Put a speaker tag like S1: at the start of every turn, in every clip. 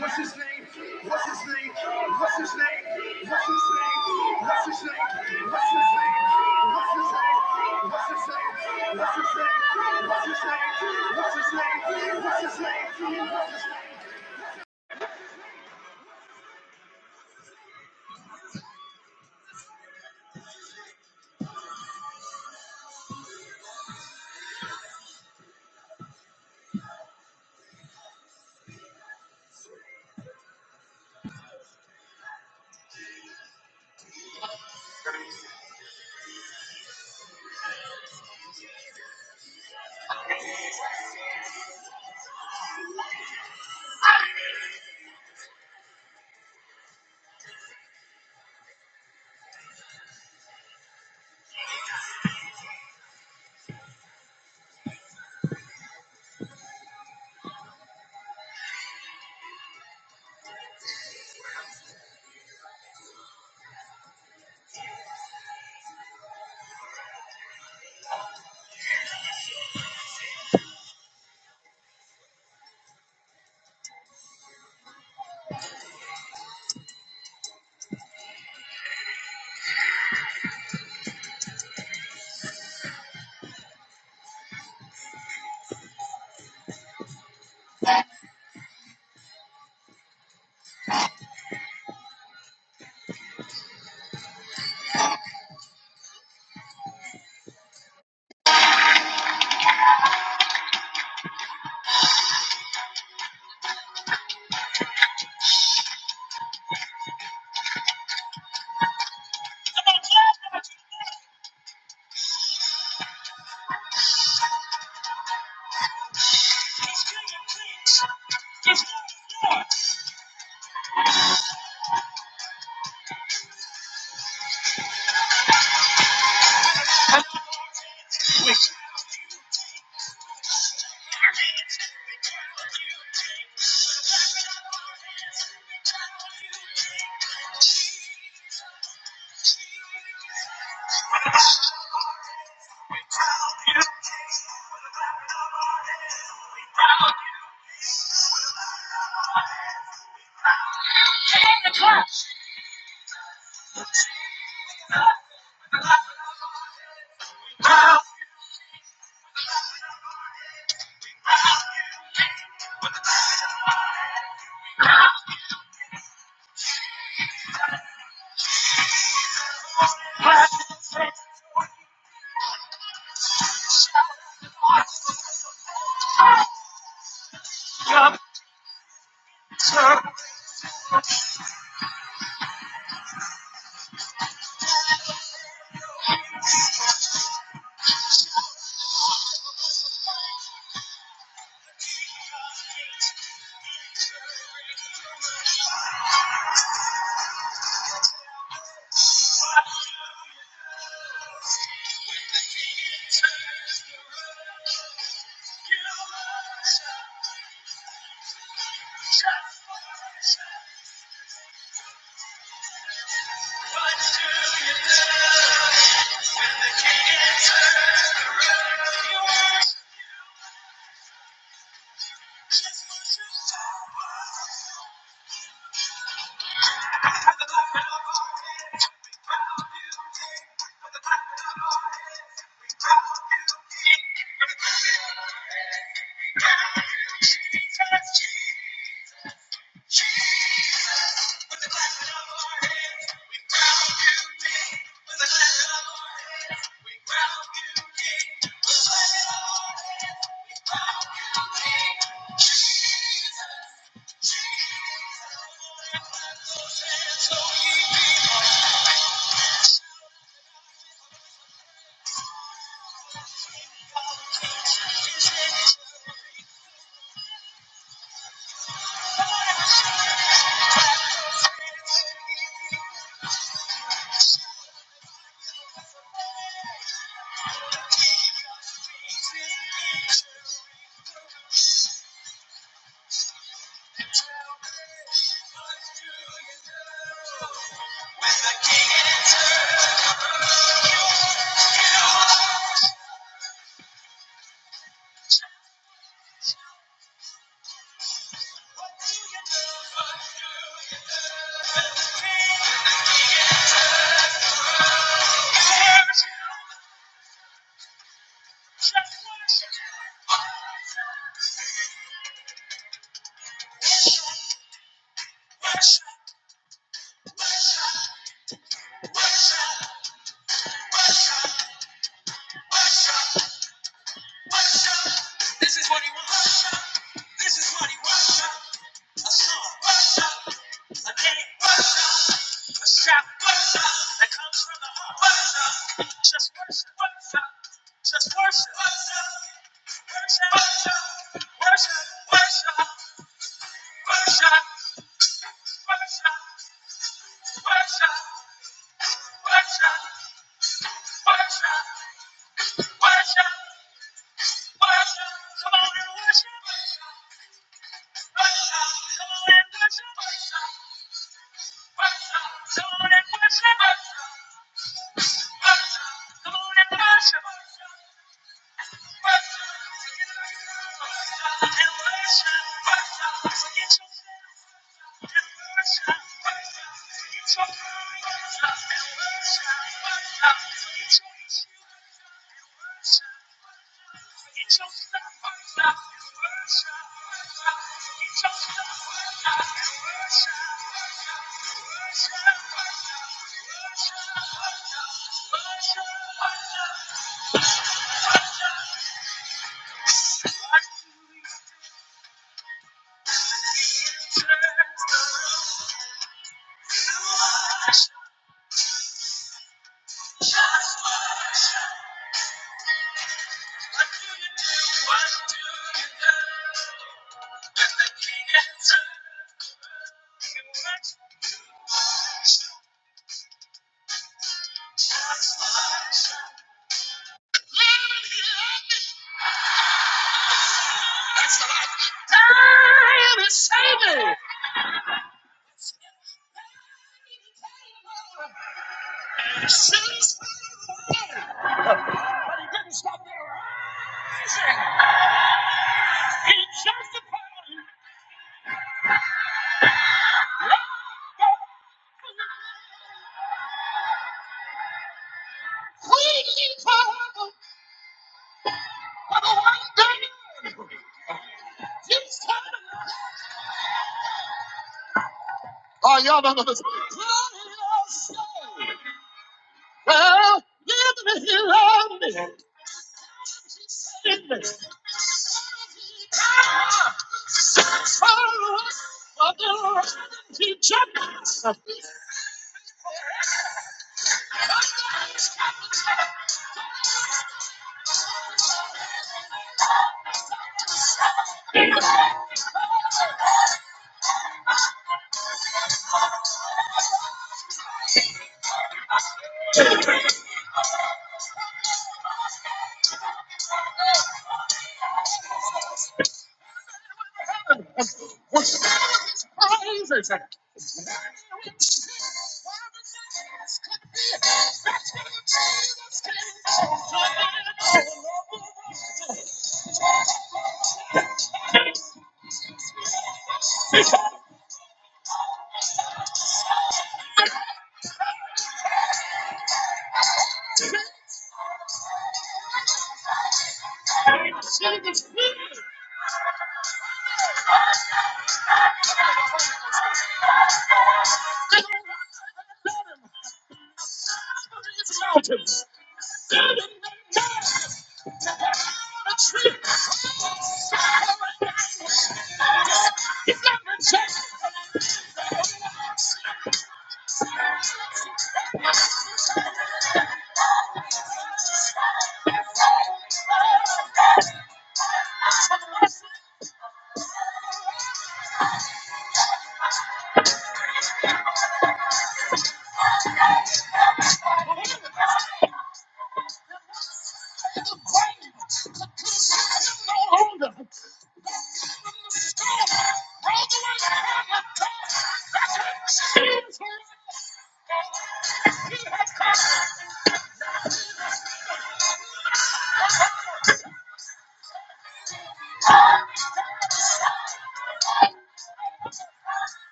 S1: What's his name? What's his name? What's his name? What's his name? What's his name? What's his name? What's his name? What's his name? What's his name? What's his name? What's his name? What's his name? What's his name?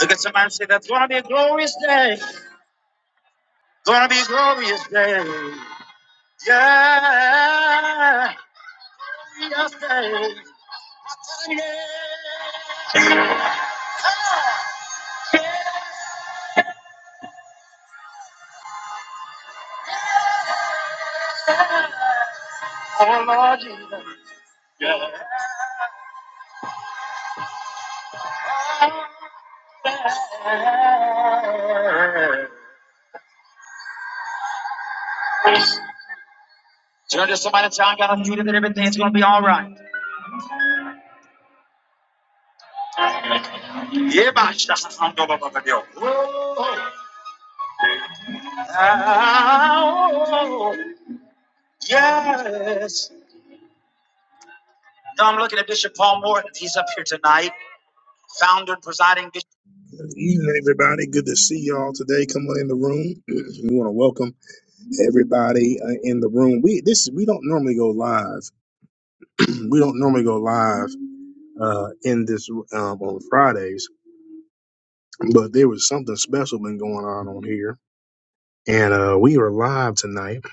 S1: Look at somebody and say, that's gonna be a glorious day. Gonna be a glorious day. Yeah. Yes, day. Yeah. Turn to somebody and tell I'm doing it and everything's going to be all right. Yeah, Oh, oh, yes. Now I'm looking at Bishop Paul Morton. He's up here tonight, founder and presiding bishop. Good evening, everybody. Good to see y'all today. Come on in the room. we want to welcome everybody uh, in the room. We this we don't normally go live. we don't normally go live uh, in this um, on Fridays, but there was something special been going on on here And uh, we are live tonight.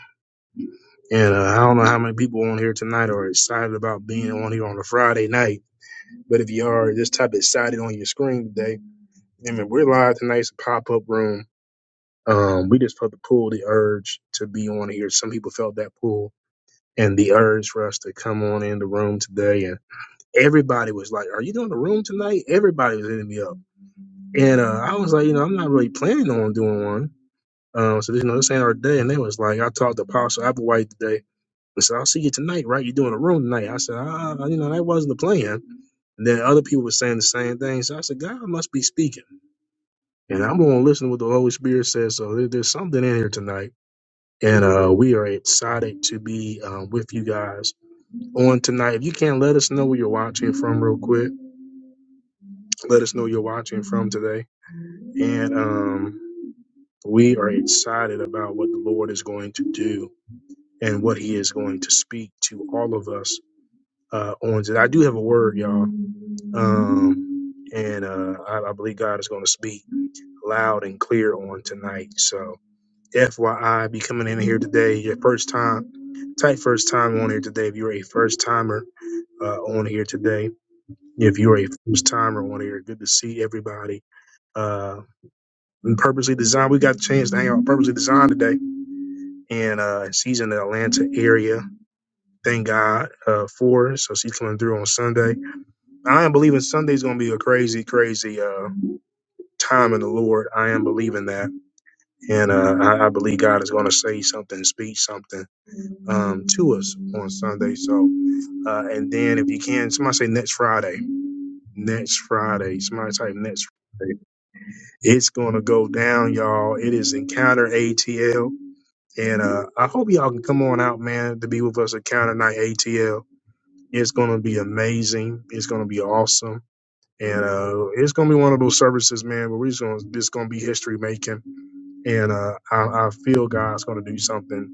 S1: And uh, I don't know how many people on here tonight are excited about being on here on a Friday night. But if you are this type of excited on your screen today, I mean, we're live tonight. It's a pop up room. Um, we just felt the pull, the urge to be on here. Some people felt that pull and the urge for us to come on in the room today. And everybody was like, Are you doing the room tonight? Everybody was hitting me up. And uh, I was like, You know, I'm not really planning on doing one. Um, so, you know, this ain't our day. And they was like, I talked to Apostle Applewhite today I said, I'll see you tonight, right? You're doing a room tonight. I said, ah, you know, that wasn't the plan. And then other people were saying the same thing. So I said, God must be speaking. And I'm going to listen to what the Holy Spirit says. So there, there's something in here tonight. And uh, we are excited to be um, with you guys on tonight. If you can, let us know where you're watching from real quick. Let us know where you're watching from today. And um, we are excited about what the Lord is going to do and what he is going to speak to all of us uh, on today. I do have a word, y'all. Um, and uh, I, I believe God is going to speak loud and clear on tonight. So, FYI, be coming in here today, your first time, type first time on here today. If you're a first timer uh, on here today, if you're a first timer on here, good to see everybody. Uh, and purposely designed, we got the chance to hang out purposely designed today and uh, she's in the Atlanta area. Thank God uh, for her. So she's coming through on Sunday. I am believing Sunday's going to be a crazy, crazy. Uh. time in the Lord. I am believing that, and uh, I, I believe God is going to say something, speak something um, to us on Sunday. So, uh, and then if you can, somebody say next Friday, next Friday. Somebody type next Friday. It's going to go down, y'all. It is Encounter ATL, and uh, I hope y'all can come on out, man, to be with us at Counter Night ATL. It's going to be amazing. It's going to be awesome. And uh, it's gonna be one of those services, man. But we're just gonna, it's gonna be history making and uh, I, I feel God's going to do something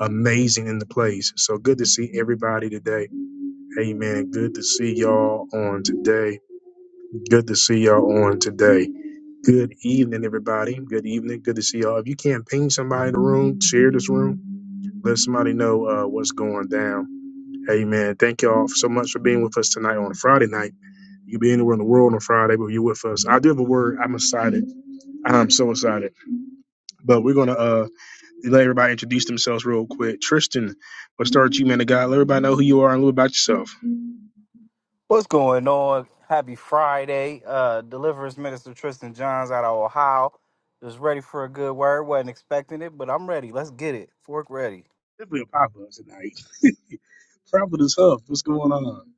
S1: amazing in the place. So good to see everybody today. Amen. Good to see y'all on today. Good to see y'all on today. Good evening, everybody. Good evening. Good to see y'all. If you can't ping somebody in the room, share this room. Let somebody know uh, what's going down. Amen. Thank y'all so much for being with us tonight on a Friday night. You be anywhere in the world on a Friday, but you're with us. I do have a word. I'm excited. I'm so excited. But we're gonna uh Let everybody introduce themselves real quick. Tristan, let's start with you, man of God. Let everybody know who you are and a little about yourself.
S2: What's going on? Happy Friday. Uh, Deliverance Minister Tristan Johns out of Ohio. Just ready for a good word. Wasn't expecting it, but I'm ready. Let's get it. Fork ready.
S1: Definitely a pop up tonight. Providence Hub, what's going on?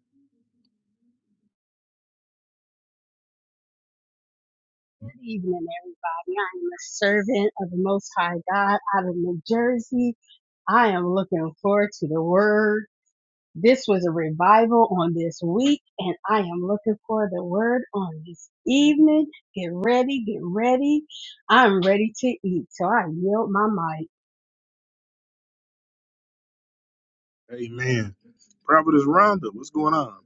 S3: Good evening, everybody. I am a servant of the Most High God out of New Jersey. I am looking forward to the word. This was a revival on this week, and I am looking for the word on this evening. Get ready, get ready. I'm ready to eat, so I yield my mic.
S1: Amen. Providence Rhonda, what's going on?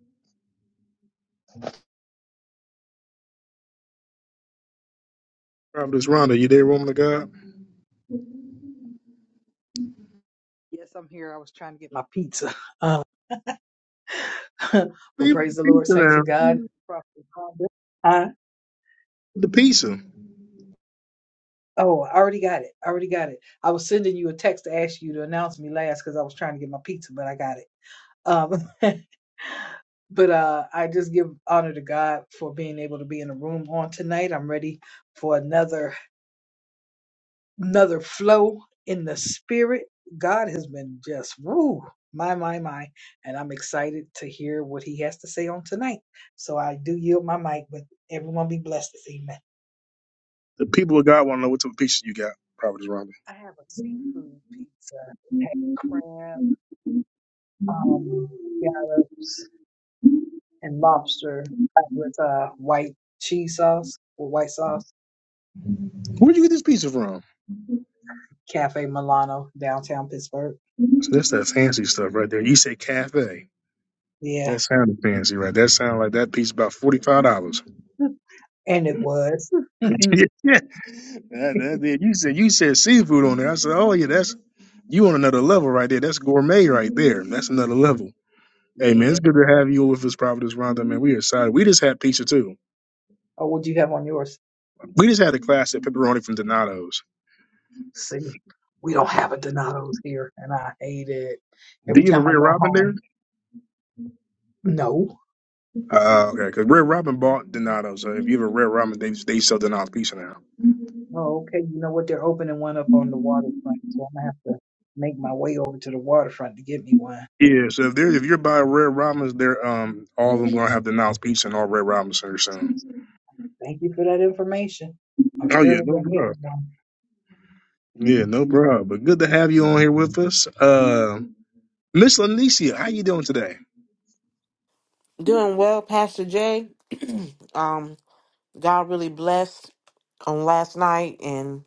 S1: Providence Rhonda, you there, woman of God?
S4: Yes, I'm here. I was trying to get my pizza. Uh, but
S1: Leave the
S4: praise the Lord,
S1: pizza
S4: thanks to
S1: now.
S4: God. Prophet Huh?
S1: The pizza.
S4: Oh, I already got it. I already got it. I was sending you a text to ask you to announce me last because I was trying to get my pizza, but I got it. Um, but uh, I just give honor to God for being able to be in the room on tonight. I'm ready for another. another flow in the spirit. God has been just woo, my, my, my. And I'm excited to hear what he has to say on tonight. So I do yield my mic, but everyone be blessed this evening.
S1: The people of God want to know what type of pizza you got, Providence Rhonda.
S4: I have a seafood pizza. It has crab, um, scallops, and lobster with uh, white cheese sauce or white sauce.
S1: Where'd you get this pizza from?
S4: Cafe Milano, downtown Pittsburgh.
S1: So that's that fancy stuff right there. You say cafe.
S4: Yeah.
S1: That sounded fancy, right? That sounded like that piece about forty five dollars.
S4: And it was.
S1: That, that, that- you said you said seafood on there. I said, oh yeah, that's you on another level right there. That's gourmet right there. That's another level. Hey man,
S4: yeah.
S1: it's good to have you with us, Providence Rhonda. Man, we are excited. We just had pizza too.
S4: Or would you have on yours?
S1: We just had a class at pepperoni from Donato's.
S4: See, we don't have a Donato's here, and I hate it.
S1: Do
S4: Every
S1: you have a
S4: time I
S1: Red
S4: go
S1: Robin there?
S4: home, no.
S1: Uh, okay, because Red Robin bought Donato's. So if you have a Red Robin, they they sell Donato's pizza now.
S4: Oh, okay. You know what? They're opening one up on the waterfront, so I'm gonna have to make my way over to the waterfront to get me one.
S1: Yeah, so if they're if you're buying Red Robins, they're um all of them gonna have Donato's pizza and all Red Robins here soon.
S4: Thank you for that information. I'm
S1: Oh yeah,
S4: surely
S1: no
S4: gonna get me
S1: problem.
S4: one.
S1: Yeah, no problem. But good to have you on here with us. Um Miss Lanicia, how you doing today?
S5: Doing well, Pastor Jay. Um, God really blessed on last night, and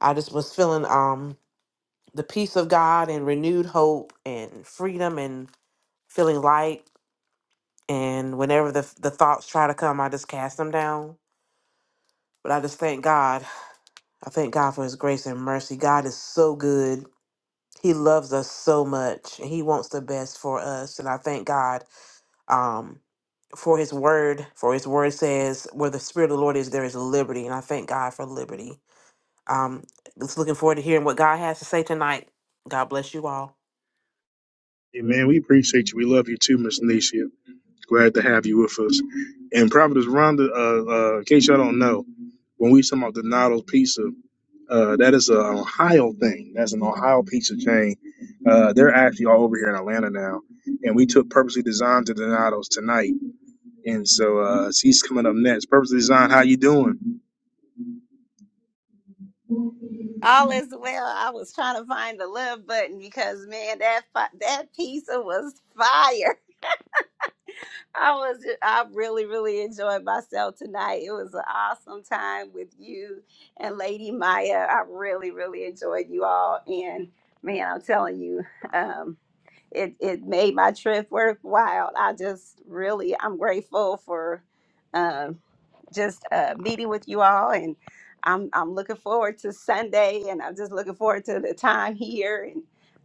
S5: I just was feeling um the peace of God and renewed hope and freedom and feeling light. And whenever the the thoughts try to come, I just cast them down. But I just thank God. I thank God for His grace and mercy. God is so good. He loves us so much. and He wants the best for us, and I thank God. Um, for his word for his word says where the spirit of the lord is there is liberty and i thank god for liberty um just looking forward to hearing what god has to say tonight god bless you all
S1: Hey, man, we appreciate you. We love you too, Miss Lanicia. Glad to have you with us. And Providence Rhonda, uh, uh, in case y'all don't know, when we talking about Donato's Pizza, uh, that is an Ohio thing. That's an Ohio pizza chain. Uh, they're actually all over here in Atlanta now. And we took Purposely Designed to Donato's tonight. And so uh, she's coming up next. Purposely Designed, how you doing?
S6: All is well. I was trying to find the love button because man, that fi- that pizza was fire. I was I really really enjoyed myself tonight. It was an awesome time with you and Lady Maya. I really really enjoyed you all, and man, I'm telling you, um, it it made my trip worthwhile. I just really I'm grateful for. um, just uh, meeting with you all, and I'm I'm looking forward to Sunday, and I'm just looking forward to the time here, and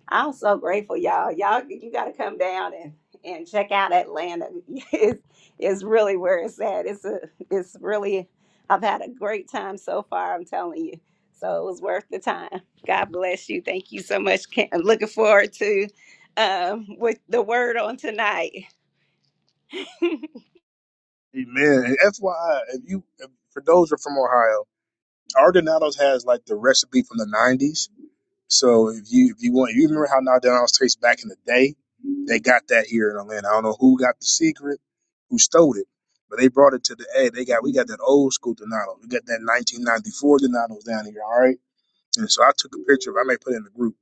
S6: I'm so grateful, y'all. Y'all, you got to come down and and check out Atlanta. It's, it's really where it's at. It's a it's really I've had a great time so far. I'm telling you, so it was worth the time. God bless you. Thank you so much. Ken. I'm looking forward to um, with the word on tonight.
S1: Hey, man, and FYI, if you, if, for those who are from Ohio, our Donato's has like the recipe from the 90s So if you if you want, you remember how now down House tastes back in the day, they got that here in Atlanta. I don't know who got the secret, who stole it, but they brought it to the. Hey, they got we got that old school Donato. We got that 1994 Donatos down here. All right, and so I took a picture. of it. I may put it in the group.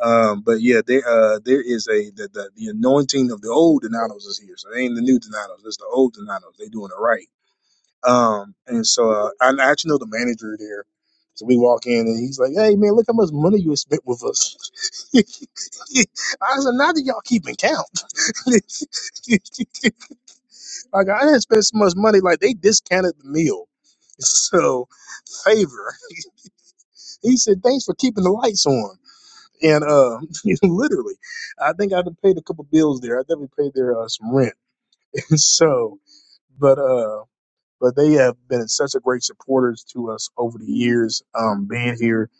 S1: Um, but yeah, there uh there is a the, the the anointing of the old Donatos is here. So they ain't the new Donatos. It's the old Donatos. They doing it right. Um, and so uh, I I actually know the manager there. So we walk in and he's like, "Hey man, look how much money you spent with us." I said, "Now that y'all keeping count, like I didn't spend so much money. Like they discounted the meal, so favor." He said, "Thanks for keeping the lights on." And uh, literally, I think I paid a couple bills there. I definitely paid their uh, some rent. so, but uh. but they have been such a great supporters to us over the years um, being here,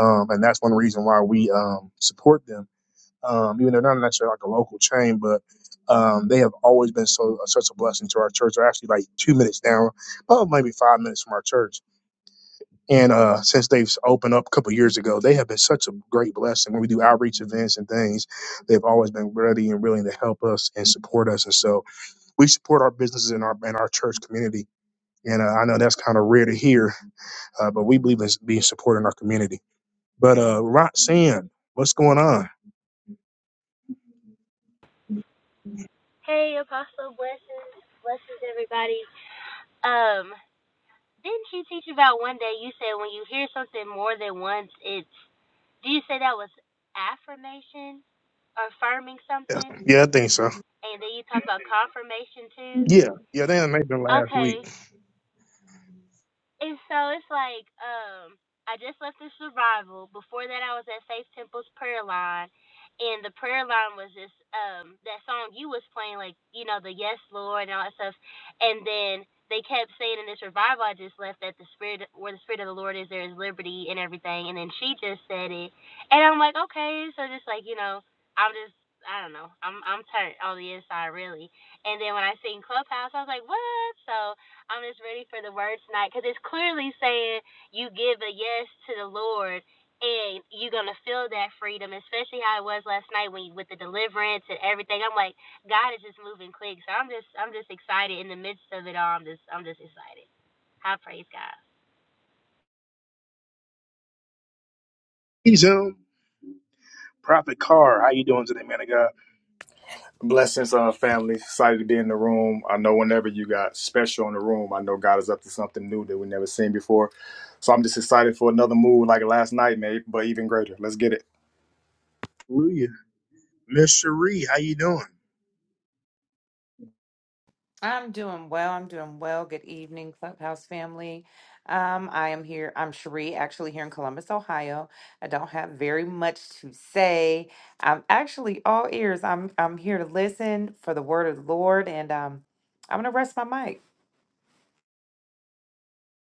S1: um, and that's one reason why we um, support them. Um, even though they're not necessarily like a local chain, but um, they have always been so uh, such a blessing to our church. They're actually like two minutes down, oh maybe five minutes from our church. And uh, since they've opened up a couple of years ago, they have been such a great blessing. When we do outreach events and things, they've always been ready and willing to help us and support us. And so we support our businesses and our and our church community and uh, I know that's kind of rare to hear, uh, but we believe in being supporting our community. But uh, Roxanne, what's going on?
S7: Hey, Apostle, blessings, blessings, everybody. Um, didn't you teach about one day? You said when you hear something more than once, it's. Do you say that was affirmation, affirming
S1: Yeah,
S7: something,
S1: yeah, I think so.
S7: and then you talk about confirmation too?
S1: Yeah, yeah, they done made them last
S7: Okay,
S1: week.
S7: And so it's like, um, I just left the survival. Before that, I was at Faith Temple's prayer line, and the prayer line was just um that song you was playing, like you know the Yes Lord and all that stuff. And then they kept saying in this revival, I just left that the spirit where the spirit of the Lord is, there is liberty and everything. And then she just said it, and I'm like, okay, so just like you know, I'm just. I don't know. I'm I'm turned on the inside really. And then when I seen Clubhouse, I was like, "What?" So I'm just ready for the word tonight because it's clearly saying you give a yes to the Lord and you're gonna feel that freedom, especially how it was last night when you, with the deliverance and everything. I'm like, God is just moving quick, so I'm just I'm just excited in the midst of it all. I'm just I'm just excited. I praise God.
S1: He's um, Prophet Carr, how you doing today, man of God?
S8: Blessings, uh, family. Excited to be in the room. I know whenever you got special in the room, I know God is up to something new that we never seen before. So I'm just excited for another move like last night, mate, but even greater. Let's get it.
S1: Hallelujah. Miss Cherie, how you doing?
S9: I'm doing well. I'm doing well. Good evening, Clubhouse family. Um, I am here. I'm Cherie, actually here in Columbus, Ohio. I don't have very much to say. I'm actually all ears. I'm I'm here to listen for the word of the Lord, and um, I'm gonna rest my mic.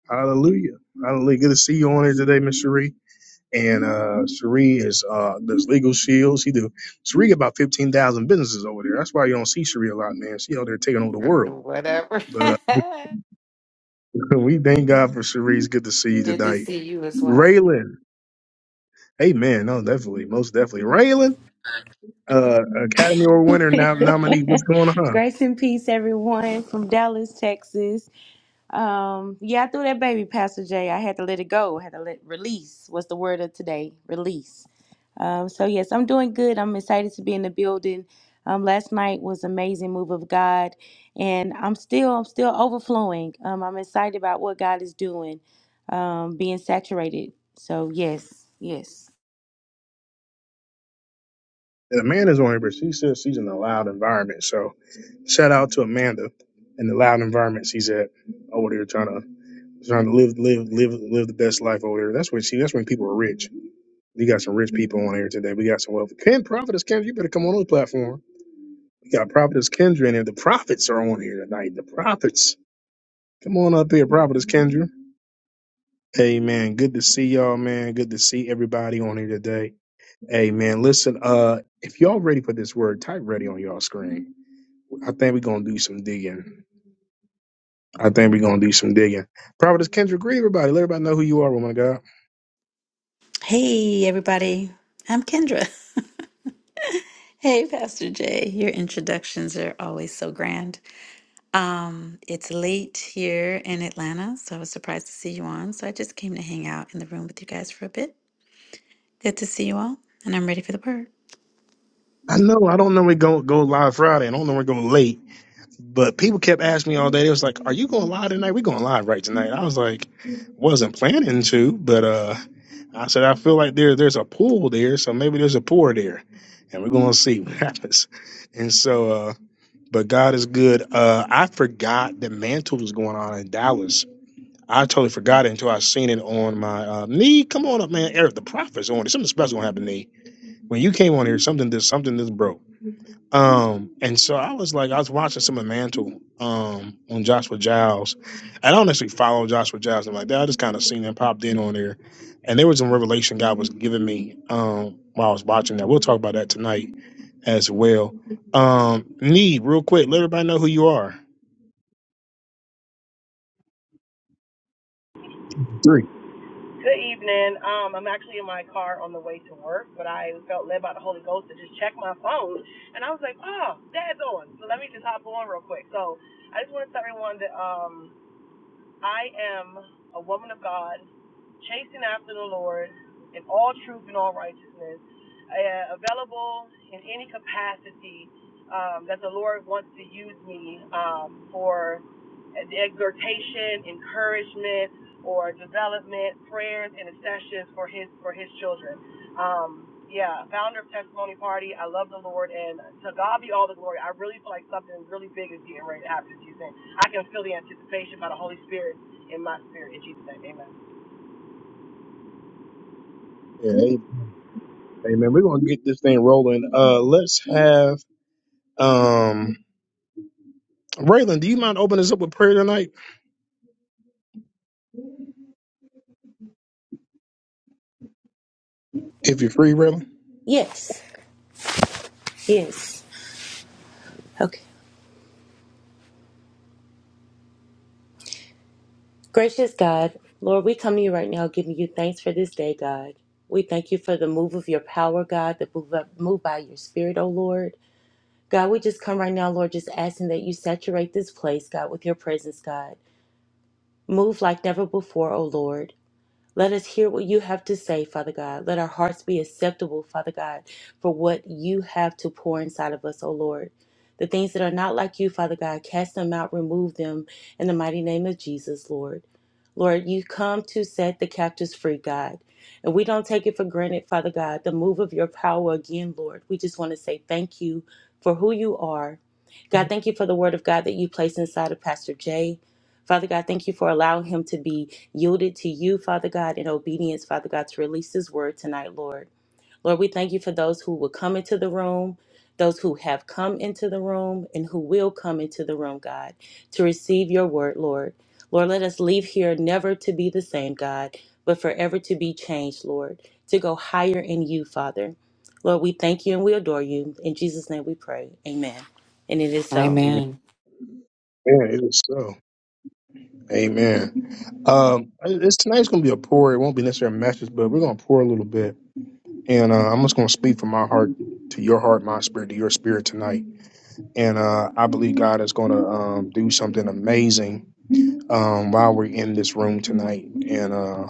S1: Hallelujah. Hallelujah. Good to see you on here today, Miss Cherie. And uh Cherie is uh does legal shields. He do Cherie got about fifteen thousand businesses over there. That's why you don't see Cherie a lot, man. She out there taking over the world.
S9: Whatever.
S1: But uh, we thank God for Sharice. Good to see you
S9: Good to
S1: tonight.
S9: see you as well.
S1: Raylan. Amen. No, definitely. Most definitely. Raylan, uh, Academy Award winner, nom- nominee. What's going on?
S10: Grace and peace, everyone from Dallas, Texas. Um, yeah, I threw that baby, Pastor Jay. I had to let it go. I had to let release. What's the word of today? Release. Um, so yes, I'm doing good. I'm excited to be in the building. Um, last night was amazing move of God, and I'm still I'm still overflowing. Um, I'm excited about what God is doing, um, being saturated. So yes, yes.
S1: And Amanda's on here, but she says she's in a loud environment. So shout out to Amanda and the loud environment she's at over there trying to trying to live live live live the best life over there. That's when she that's when people are rich. We got some rich people on here today. We got some wealthy. Ken Prophetess Kendra, you better come on the platform. We got Prophetess Kendra in here. The prophets are on here tonight. The prophets. Come on up here, Prophetess Kendra. Hey man, good to see y'all, man. Good to see everybody on here today. Hey man, listen, uh, if y'all ready for this word, type ready on y'all screen. I think we're gonna do some digging. I think we're gonna do some digging. Prophetess Kendra, greet everybody. Let everybody know who you are, woman of God.
S11: Hey, everybody. I'm Kendra. hey, Pastor Jay. Your introductions are always so grand. Um, it's late here in Atlanta, so I was surprised to see you on. So I just came to hang out in the room with you guys for a bit. Good to see you all, and I'm ready for the word.
S1: I know I don't know we go go live Friday. and I don't know we're going late. But people kept asking me all day. It was like, "Are you going live tonight? We going live right tonight?" I was like, "Wasn't planning to, but uh, I said I feel like there there's a pool there, so maybe there's a pour there, and we're gonna see what happens." And so, uh, but God is good. Uh, I forgot the mantle was going on in Dallas. I totally forgot it until I seen it on my uh, knee. Come on up, man, Eric the Prophet's on. it. Something special gonna happen, knee. When you came on here, something this something this broke. Um, and so I was like, I was watching some of Mantle um, on Joshua Giles. I don't actually follow Joshua Giles I'm like that. I just kind of seen him popped in on there. And there was a revelation God was giving me um, while I was watching that. We'll talk about that tonight as well. Um, Need, real quick, let everybody know who you are.
S12: Good evening. Um, I'm actually in my car on the way to work, but I felt led by the Holy Ghost to just check my phone, and I was like, "Oh, Dad's on," so let me just hop on real quick. So I just want to tell everyone that um, I am a woman of God, chasing after the Lord in all truth and all righteousness, uh, available in any capacity um, that the Lord wants to use me um, for exhortation, encouragement, or development, prayers, and sessions for His for His children. Um, yeah, founder of Testimony Party. I love the Lord, and to God be all the glory. I really feel like something really big is getting ready to happen this season. I can feel the anticipation by the Holy Spirit in my spirit. In Jesus' name, amen.
S1: Yeah, hey, hey man, we're gonna get this thing rolling. Uh, let's have um, Raylan. Do you mind opening us up with prayer tonight, if you're free, Raylan?
S10: Yes, yes. Gracious God, Lord, we come to you right now giving you thanks for this day, God. We thank you for the move of your power, God, the move, move by your spirit, O Lord. God, we just come right now, Lord, just asking that you saturate this place, God, with your presence, God. Move like never before, O Lord. Let us hear what you have to say, Father God. Let our hearts be acceptable, Father God, for what you have to pour inside of us, O Lord. The things that are not like you, Father God, cast them out, remove them in the mighty name of Jesus, Lord. Lord, you come to set the captives free, God. And we don't take it for granted, Father God, the move of your power again, Lord. We just want to say thank you for who you are. God, thank you for the word of God that you place inside of Pastor Jay. Father God, thank you for allowing him to be yielded to you, Father God, in obedience, Father God, to release His word tonight, Lord. Lord, we thank you for those who will come into the room, those who have come into the room, and who will come into the room, God, to receive your word, Lord. Lord, let us leave here never to be the same, God, but forever to be changed, Lord, to go higher in you, Father. Lord, we thank you and we adore you. In Jesus' name we pray. Amen. And it is so.
S1: Amen.
S9: Amen.
S1: Yeah, it is so. Amen. Um, it's tonight's gonna be a pour. It won't be necessarily a message, but we're gonna pour a little bit, and uh, I'm just gonna speak from my heart to your heart, my spirit to your spirit tonight. And uh, I believe God is gonna um, do something amazing um, while we're in this room tonight, and uh,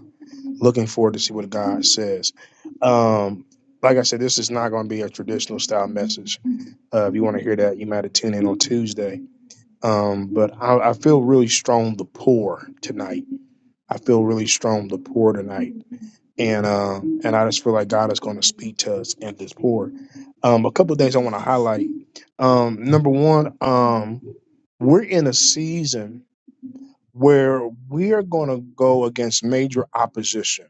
S1: looking forward to see what God says. Um, like I said, this is not gonna be a traditional style message. Uh, if you want to hear that, you might have tuned in on Tuesday. Um, but I, I feel really strong the pour tonight. I feel really strong the pour tonight and uh, and I just feel like God is going to speak to us in this pour. Um, a couple of things I want to highlight. Um, number one, um, we're in a season where we are going to go against major opposition.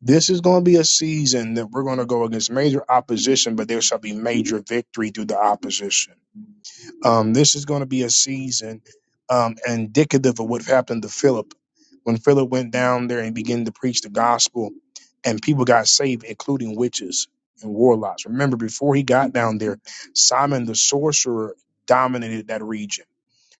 S1: This is going to be a season that we're going to go against major opposition, but there shall be major victory through the opposition um, this is going to be a season um, indicative of what happened to Philip. When Philip went down there and began to preach the gospel, and people got saved, including witches and warlocks. Remember, before he got down there, Simon the sorcerer dominated that region.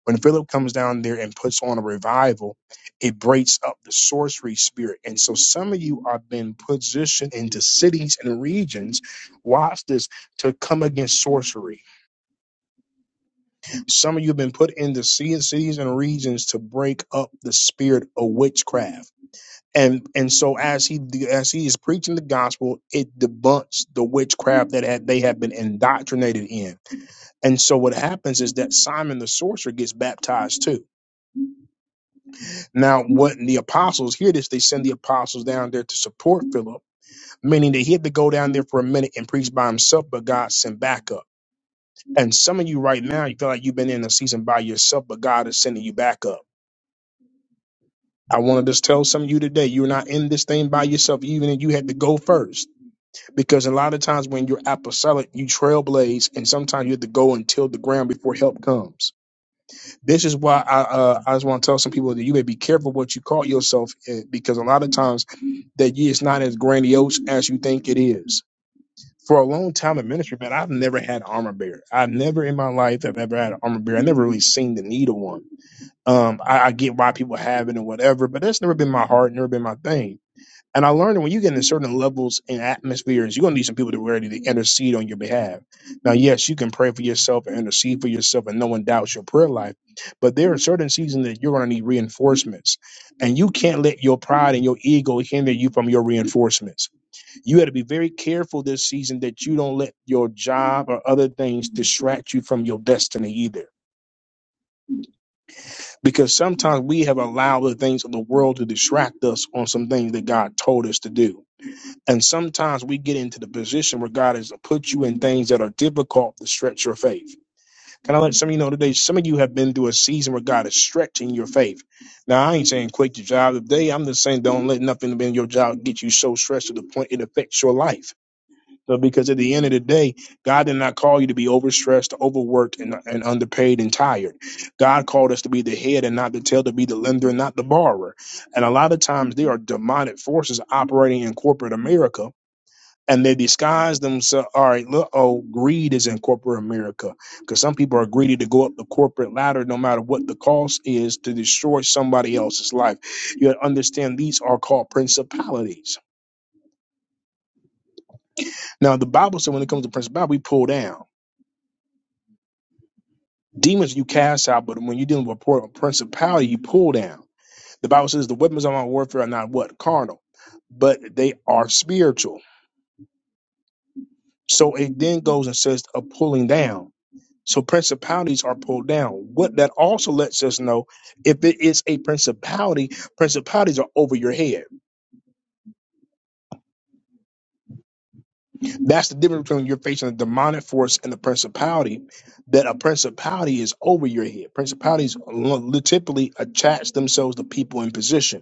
S1: When Philip comes down there and puts on a revival, it breaks up the sorcery spirit. And so some of you are being positioned into cities and regions, watch this, to come against sorcery some of you have been put into ci- cities and regions to break up the spirit of witchcraft. And and so as he as he is preaching the gospel, it debunks the witchcraft that had, they have been indoctrinated in. And so what happens is that Simon the sorcerer gets baptized too. Now, what the apostles hear this, they send the apostles down there to support Philip, meaning that he had to go down there for a minute and preach by himself, but God sent backup. And some of you right now, you feel like you've been in a season by yourself, but God is sending you backup. I want to just tell some of you today, you're not in this thing by yourself, even if you had to go first. Because a lot of times when you're apostolic, you trailblaze, and sometimes you have to go and till the ground before help comes. This is why I, uh, I just want to tell some people that you may be careful what you call yourself, eh, because a lot of times that it's not as grandiose as you think it is. For a long time in ministry, man, I've never had an armor bearer. I've never in my life have ever had an armor bearer. I never really seen the need of one um, I, I get why people have it and whatever, but that's never been my heart, never been my thing. And I learned when you get into certain levels and atmospheres, you're gonna need some people to ready to intercede on your behalf. Now, yes, you can pray for yourself and intercede for yourself, and no one doubts your prayer life. But there are certain seasons that you're gonna need reinforcements, and you can't let your pride and your ego hinder you from your reinforcements. You got to be very careful this season that you don't let your job or other things distract you from your destiny either because sometimes we have allowed the things of the world to distract us on some things that God told us to do. And sometimes we get into the position where God has put you in things that are difficult to stretch your faith. Can I let some of you know today? Some of you have been through a season where God is stretching your faith. Now, I ain't saying quit your job today. I'm just saying don't let nothing in your job get you so stressed to the point it affects your life. So because at the end of the day, God did not call you to be overstressed, overworked, and, and underpaid and tired. God called us to be the head and not the tail, to be the lender and not the borrower. And a lot of times there are demonic forces operating in corporate America. And they disguise themselves. All right, look, oh, greed is in corporate America because some people are greedy to go up the corporate ladder, no matter what the cost is, to destroy somebody else's life. You gotta understand these are called principalities. Now, the Bible said when it comes to principality, we pull down. Demons you cast out, but when you're dealing with a principality, you pull down. The Bible says the weapons of our warfare are not what? Carnal, but they are spiritual. So it then goes and says a pulling down. So principalities are pulled down. What that also lets us know if it is a principality, principalities are over your head. That's the difference between you're facing a demonic force and a principality, that a principality is over your head. Principalities lo- typically attach themselves to people in position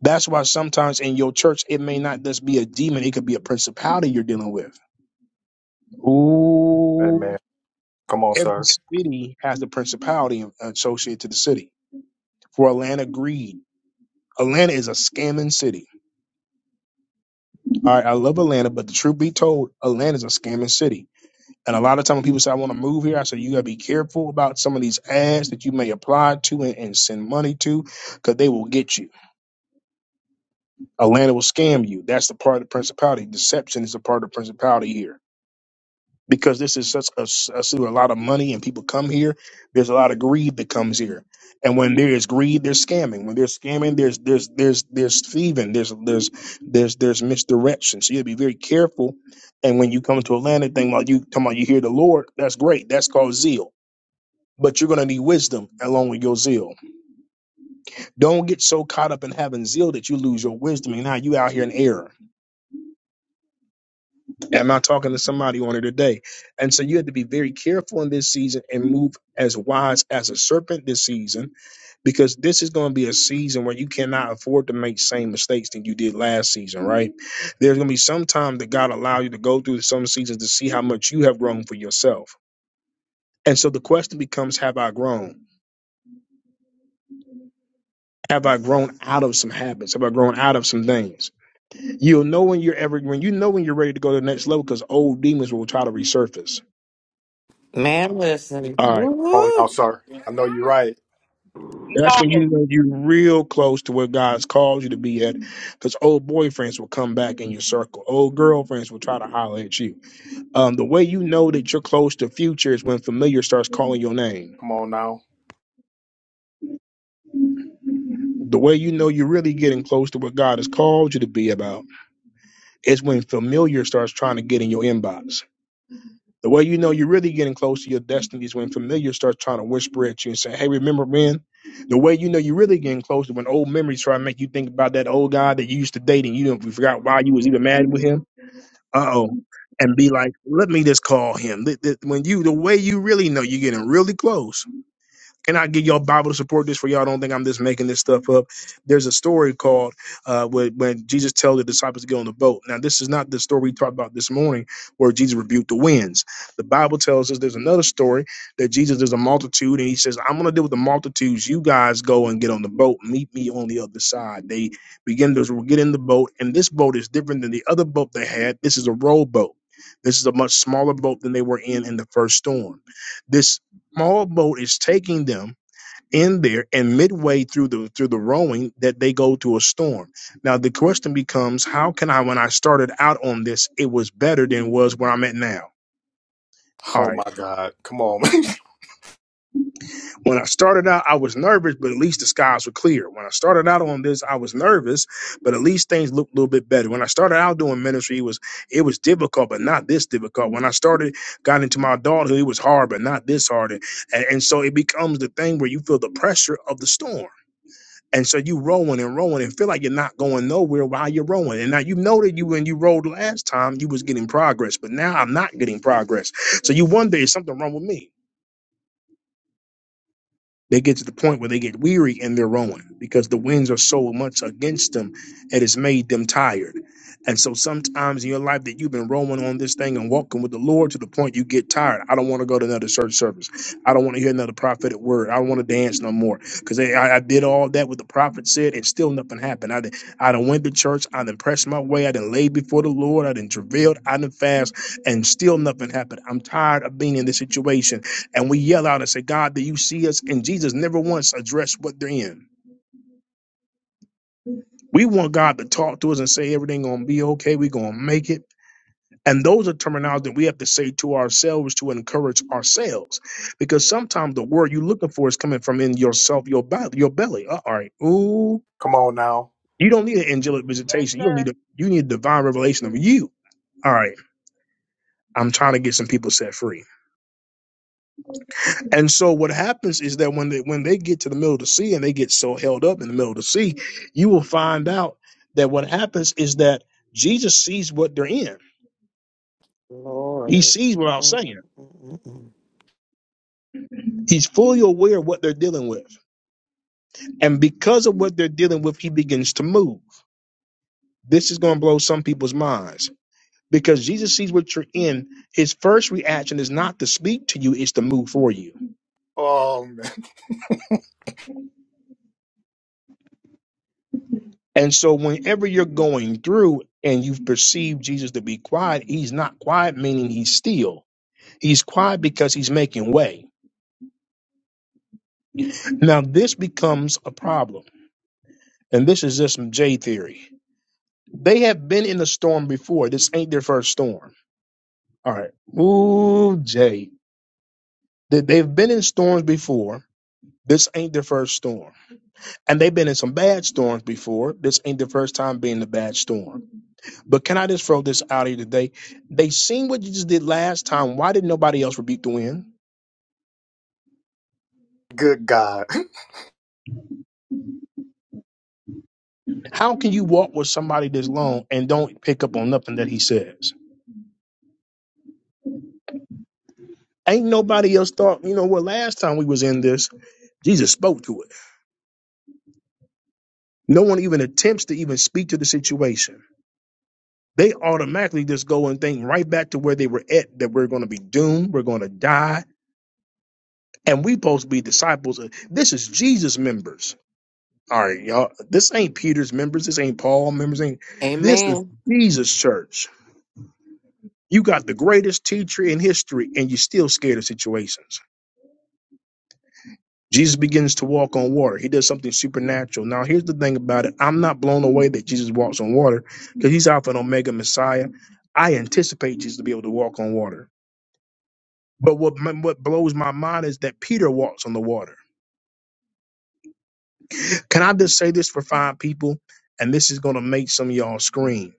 S1: That's why sometimes in your church, it may not just be a demon, it could be a principality you're dealing with. Ooh,
S8: Amen. Come on,
S1: Every
S8: sir.
S1: city has the principality associated to the city. For Atlanta, greed. Atlanta is a scamming city. All right, I love Atlanta, but the truth be told, Atlanta is a scamming city. And a lot of time when people say, I want to move here, I say, you got to be careful about some of these ads that you may apply to and, and send money to because they will get you. Atlanta will scam you. That's the part of the principality. Deception is a part of the principality here. because this is such a, I see a lot of money and people come here. There's a lot of greed that comes here, and when there is greed, there's scamming. When there's scamming, there's there's there's there's thieving. There's there's there's there's misdirection. So you have to be very careful. And when you come to a landed thing, like you talking about, you hear the Lord. That's great. That's called zeal. But you're gonna need wisdom along with your zeal. Don't get so caught up in having zeal that you lose your wisdom, and now you out here in error Am I talking to somebody on it today? And so you have to be very careful in this season and move as wise as a serpent this season, because this is going to be a season where you cannot afford to make same mistakes that you did last season, right? There's going to be some time that God allow you to go through some seasons to see how much you have grown for yourself. And so the question becomes, have I grown? Have I grown out of some habits? Have I grown out of some things? You'll know when you're ever when you know when you're ready to go to the next level because old demons will try to resurface.
S9: Man, listen.
S1: All right.
S8: Come on now,
S9: Woo!
S8: sir. I know you're right.
S12: You
S1: That's when you
S12: talking?
S1: know you're real close to where God's called you to be at, because old boyfriends will come back in your circle. Old girlfriends will try to holler at you. Um, the way you know that you're close to future is when familiar starts calling your name.
S8: Come on now.
S1: The way you know you're really getting close to what God has called you to be about is when familiar starts trying to get in your inbox. The way you know you're really getting close to your destiny is when familiar starts trying to whisper at you and say, Hey, remember man? The way you know you're really getting close is when old memories try to make you think about that old guy that you used to date and you don't you forgot why you was even mad with him. Uh oh. And be like, let me just call him. Th- th- When you the way you really know you're getting really close and I get y'all Bible to support this for y'all. Don't think I'm just making this stuff up. There's a story called uh, when, when Jesus tells the disciples to get on the boat. Now, this is not the story we talked about this morning where Jesus rebuked the winds. The Bible tells us there's another story that Jesus is a multitude and he says, I'm going to deal with the multitudes. You guys go and get on the boat. Meet me on the other side. They begin to get in the boat, and this boat is different than the other boat they had. This is a rowboat. This is a much smaller boat than they were in in the first storm This small boat is taking them in there and midway through the through the rowing that they go to a storm now the question becomes how can i when i started out on this it was better than was where i'm at now all
S8: Oh
S1: right
S8: my God. Come on. man.
S1: when i started out i was nervous but at least the skies were clear when i started out on this i was nervous but at least things looked a little bit better when i started out doing ministry it was it was difficult but not this difficult when i started got into my adulthood it was hard but not this hard and, and so it becomes the thing where you feel the pressure of the storm And so you rowing and rowing and feel like you're not going nowhere while you're rowing. And now you know that you when you rowed last time, you was getting progress, but now I'm not getting progress. So you wonder is something wrong with me? They get to the point where they get weary and they're rowing because the winds are so much against them, it has made them tired. And so sometimes in your life that you've been rowing on this thing and walking with the Lord to the point you get tired. I don't want to go to another church service. I don't want to hear another prophetic word. I don't want to dance no more because I, I did all that what the prophet said and still nothing happened. I did, I done went to church. I done pressed my way. I done laid before the Lord. I done travailed. I done fast and still nothing happened. I'm tired of being in this situation and we yell out and say, God, do you see us? And Jesus never once addressed what they're in. We want God to talk to us and say everything gonna be okay, we gonna make it. And those are terminology that we have to say to ourselves to encourage ourselves. Because sometimes the word you're looking for is coming from in yourself, your body, your belly. Uh, all right. Ooh.
S8: Come on now.
S1: You don't need an angelic
S12: Yes,
S1: visitation. You don't
S12: sir.
S1: need a you need divine revelation of you. All right. I'm trying to get some people set free. And so what happens is that when they when they get to the middle of the sea and they get so held up in the middle of the sea, you will find out that what happens is that Jesus sees what they're in. He
S9: Lord.
S1: sees what I'm
S9: Mm,
S1: saying.
S9: mm, mm, mm.
S1: He's fully aware of what they're dealing with. And because of what they're dealing with, he begins to move. This is going to blow some people's minds because Jesus sees what you're in. His first reaction is not to speak to you, it's to move for you.
S8: Oh man.
S1: And so, whenever you're going through and you've perceived Jesus to be quiet, he's not quiet, meaning he's still. He's quiet because he's making way. Now, this becomes a problem. And this is just some J theory. They have been in the storm before. This ain't their first storm. All right. Ooh, Jay. They- They've been in storms before. This ain't their first storm. And they've been in some bad storms before. This ain't the first time being the bad storm. But can I just throw this out here today? They seen what you just did last time. Why did nobody else rebuke the wind?
S8: Good God.
S1: How can you walk with somebody this long and don't pick up on nothing that he says? Ain't nobody else thought, you know what, last time we was in this, Jesus spoke to it. No one even attempts to even speak to the situation. They automatically just go and think right back to where they were at that we're going to be doomed, we're going to die, and we supposed to be disciples. Of, this is Jesus members. All right, y'all. This ain't Peter's members. This ain't Paul members. Ain't this is
S5: Amen.
S1: Jesus' church? You got the greatest teacher in history, and you're still scared of situations. Jesus begins to walk on water. He does something supernatural. Now, here's the thing about it. I'm not blown away that Jesus walks on water because he's Alpha and Omega Messiah. I anticipate Jesus to be able to walk on water. But what what blows my mind is that Peter walks on the water. Can I just say this for five people? And this is going to make some of y'all scream.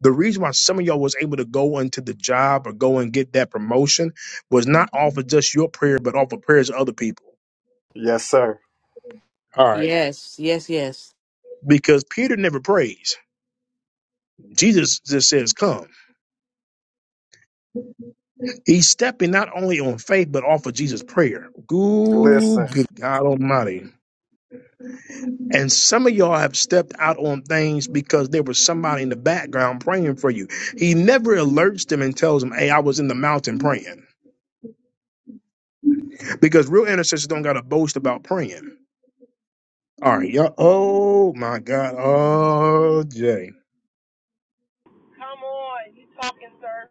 S1: The reason why some of y'all was able to go into the job or go and get that promotion was not off of just your prayer, but off of prayers of other people.
S8: Yes, sir.
S1: All right.
S5: Yes, yes, yes.
S1: Because Peter never prays. Jesus just says, Come. He's stepping not only on faith, but off of Jesus' prayer. Ooh,
S8: Listen.
S1: good God Almighty. And some of y'all have stepped out on things because there was somebody in the background praying for you. He never alerts them and tells them, Hey, I was in the mountain praying. Because real intercessors don't got to boast about praying. All right, y'all. Oh my God. Oh, Jay.
S12: Come on. You talking, sir.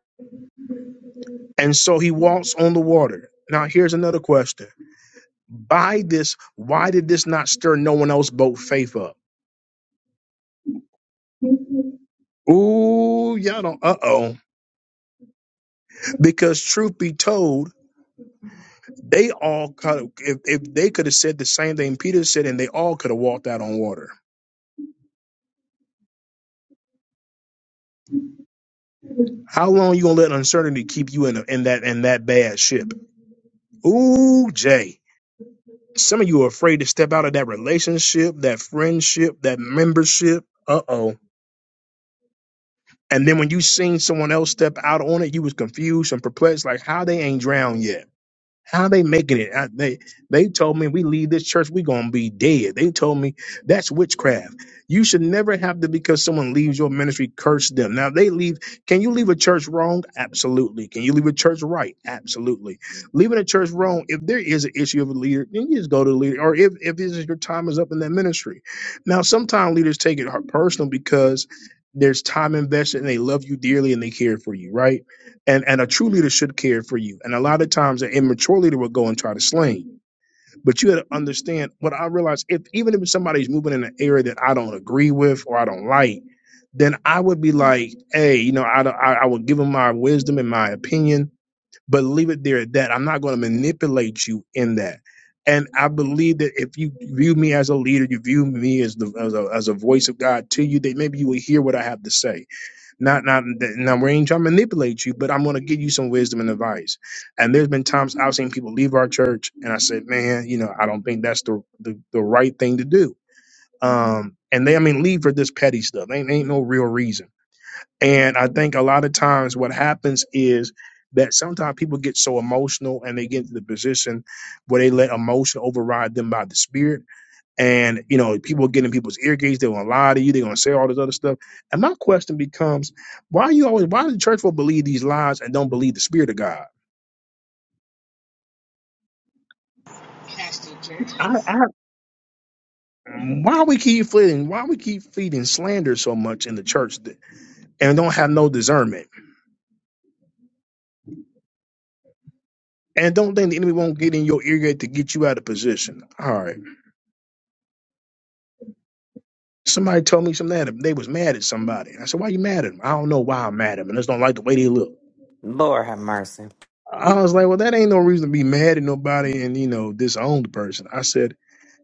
S1: And so he walks on the water. Now, here's another question. By this, why did this not stir no one else but faith up? Ooh, y'all don't. Uh oh. Because truth be told, they all could. have If, if they could have said the same thing Peter said, and they all could have walked out on water. How long you gonna let uncertainty keep you in a, in that in that bad ship? Ooh, Jay. Some of you are afraid to step out of that relationship, that friendship, that membership. Uh oh. And then when you seen someone else step out on it, you was confused and perplexed, like how they ain't drowned yet. How they making it? I, they they told me we leave this church, we gonna be dead. They told me that's witchcraft. You should never have to because someone leaves your ministry, curse them. Now they leave. Can you leave a church wrong? Absolutely. Can you leave a church right? Absolutely. Leaving a church wrong, if there is an issue of a leader, then you just go to the leader. Or if if it's just your time is up in that ministry, now sometimes leaders take it personal because there's time invested and they love you dearly and they care for you, right? and and a true leader should care for you. And a lot of times, an immature leader will go and try to sling. But you had to understand what I realized. If even if somebody's moving in an area that I don't agree with or I don't like, then I would be like, hey, you know, I don't, I, I would give them my wisdom and my opinion, but leave it there at that. I'm not going to manipulate you in that. And I believe that if you view me as a leader, you view me as the as a, as a voice of God to you, that maybe you will hear what I have to say not, not, now we ain't trying to manipulate you, but I'm going to give you some wisdom and advice. And there's been times I've seen people leave our church, and I said, man, you know, I don't think that's the the, the right thing to do. Um, and they, I mean, leave for this petty stuff. Ain't ain't no real reason. And I think a lot of times what happens is that sometimes people get so emotional and they get into the position where they let emotion override them by the spirit and you know people get in people's ear gates they're gonna lie to you they're gonna say all this other stuff and my question becomes why are you always why do the church folk believe these lies and don't believe the spirit of god
S13: Pastor Churches.
S1: why we keep feeding why we keep feeding slander so much in the church th- and don't have no discernment and don't think the enemy won't get in your ear gate to get you out of position all right somebody told me something that they was mad at somebody And i said why you mad at them i don't know why i'm mad at them I just don't like the way they look
S9: Lord have mercy.
S1: I was like, well, that ain't no reason to be mad at nobody and, you know, disown the person. I said,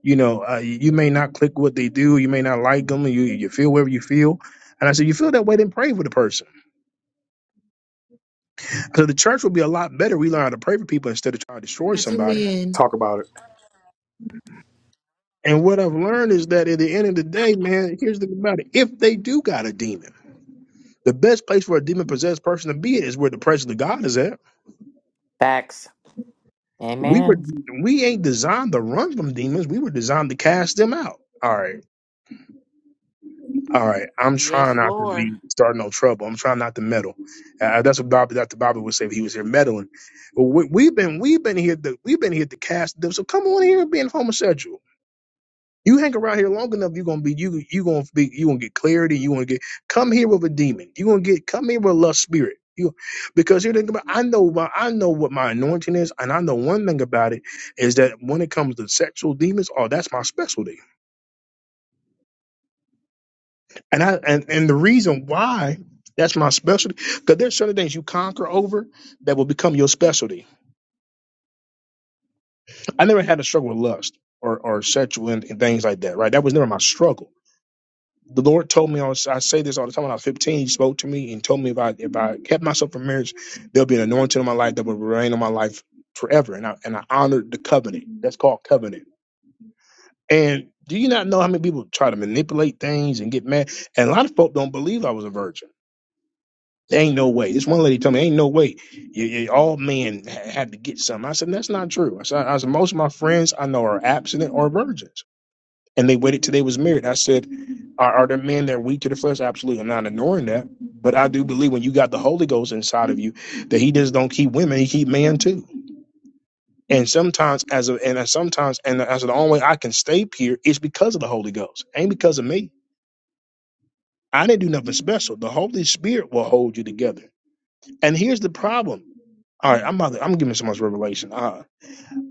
S1: you know, uh, you may not click what they do, you may not like them, you you feel whatever you feel. And I said, you feel that way, then pray for the person. So the church would be a lot better. We learn how to pray for people instead of trying to destroy somebody.
S8: Talk about it.
S1: And what I've learned is that at the end of the day, man, here's the thing about it: if they do got a demon, the best place for a demon possessed person to be is where the presence of God is at.
S9: Facts.
S1: We were
S9: Amen.
S1: we ain't designed to run from demons. We were designed to cast them out. All right. All right, I'm
S5: Yes,
S1: trying not to
S5: Lord.
S1: be start no trouble. I'm trying not to meddle. Uh, uh, that's what Bobby, Dr. Bobby would say if he was here meddling. But we, we've been we've been here to we've been here to cast them. So come on here and being homosexual. You hang around here long enough, you're gonna be you you gonna be you gonna get clarity. You gonna get come here with a demon. You gonna get come here with a lust spirit. You because here think about I know my, I know what my anointing is, and I know one thing about it is that when it comes to sexual demons, oh that's my specialty. And I and, and the reason why that's my specialty, because there's certain things you conquer over that will become your specialty. I never had a struggle with lust or, or sexual and, and things like that, right? That was never my struggle. The Lord told me I, was, I say this all the time when I was 15, He spoke to me and told me if I if I kept myself from marriage, there'll be an anointing on my life that will remain on my life forever. And I and I honored the covenant. That's called covenant. And do you not know how many people try to manipulate things and get mad? And a lot of folk don't believe I was a virgin. There ain't no way. This one lady told me, ain't no way. You, you- all men ha- had to get some. I said, that's not true. I said, I said, most of my friends I know are abstinent or virgins. And they waited till they was married. I said, are, are there men that are weak to the flesh? Absolutely. I'm not ignoring that. But I do believe when you got the Holy Ghost inside of you, that he just don't keep women, he keep man too. And sometimes as a and as sometimes and as the only way I can stay pure is because of the Holy Ghost. Ain't because of me. I didn't do nothing special. The Holy Spirit will hold you together. And here's the problem. All right, I'm about to, I'm giving so much revelation. Uh,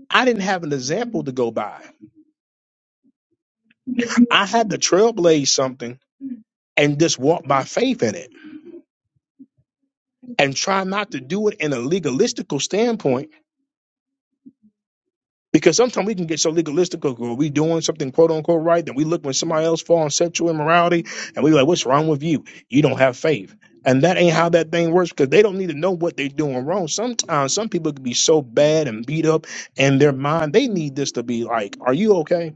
S1: I didn't have an example to go by. I had to trailblaze something and just walk by faith in it and try not to do it in a legalistical standpoint Because sometimes we can get so legalistic are we doing something quote unquote right, then we look when somebody else fall on sexual immorality and we like, What's wrong with you? You don't have faith. And that ain't how that thing works because they don't need to know what they're doing wrong. Sometimes some people can be so bad and beat up in their mind, they need this to be like, Are you okay?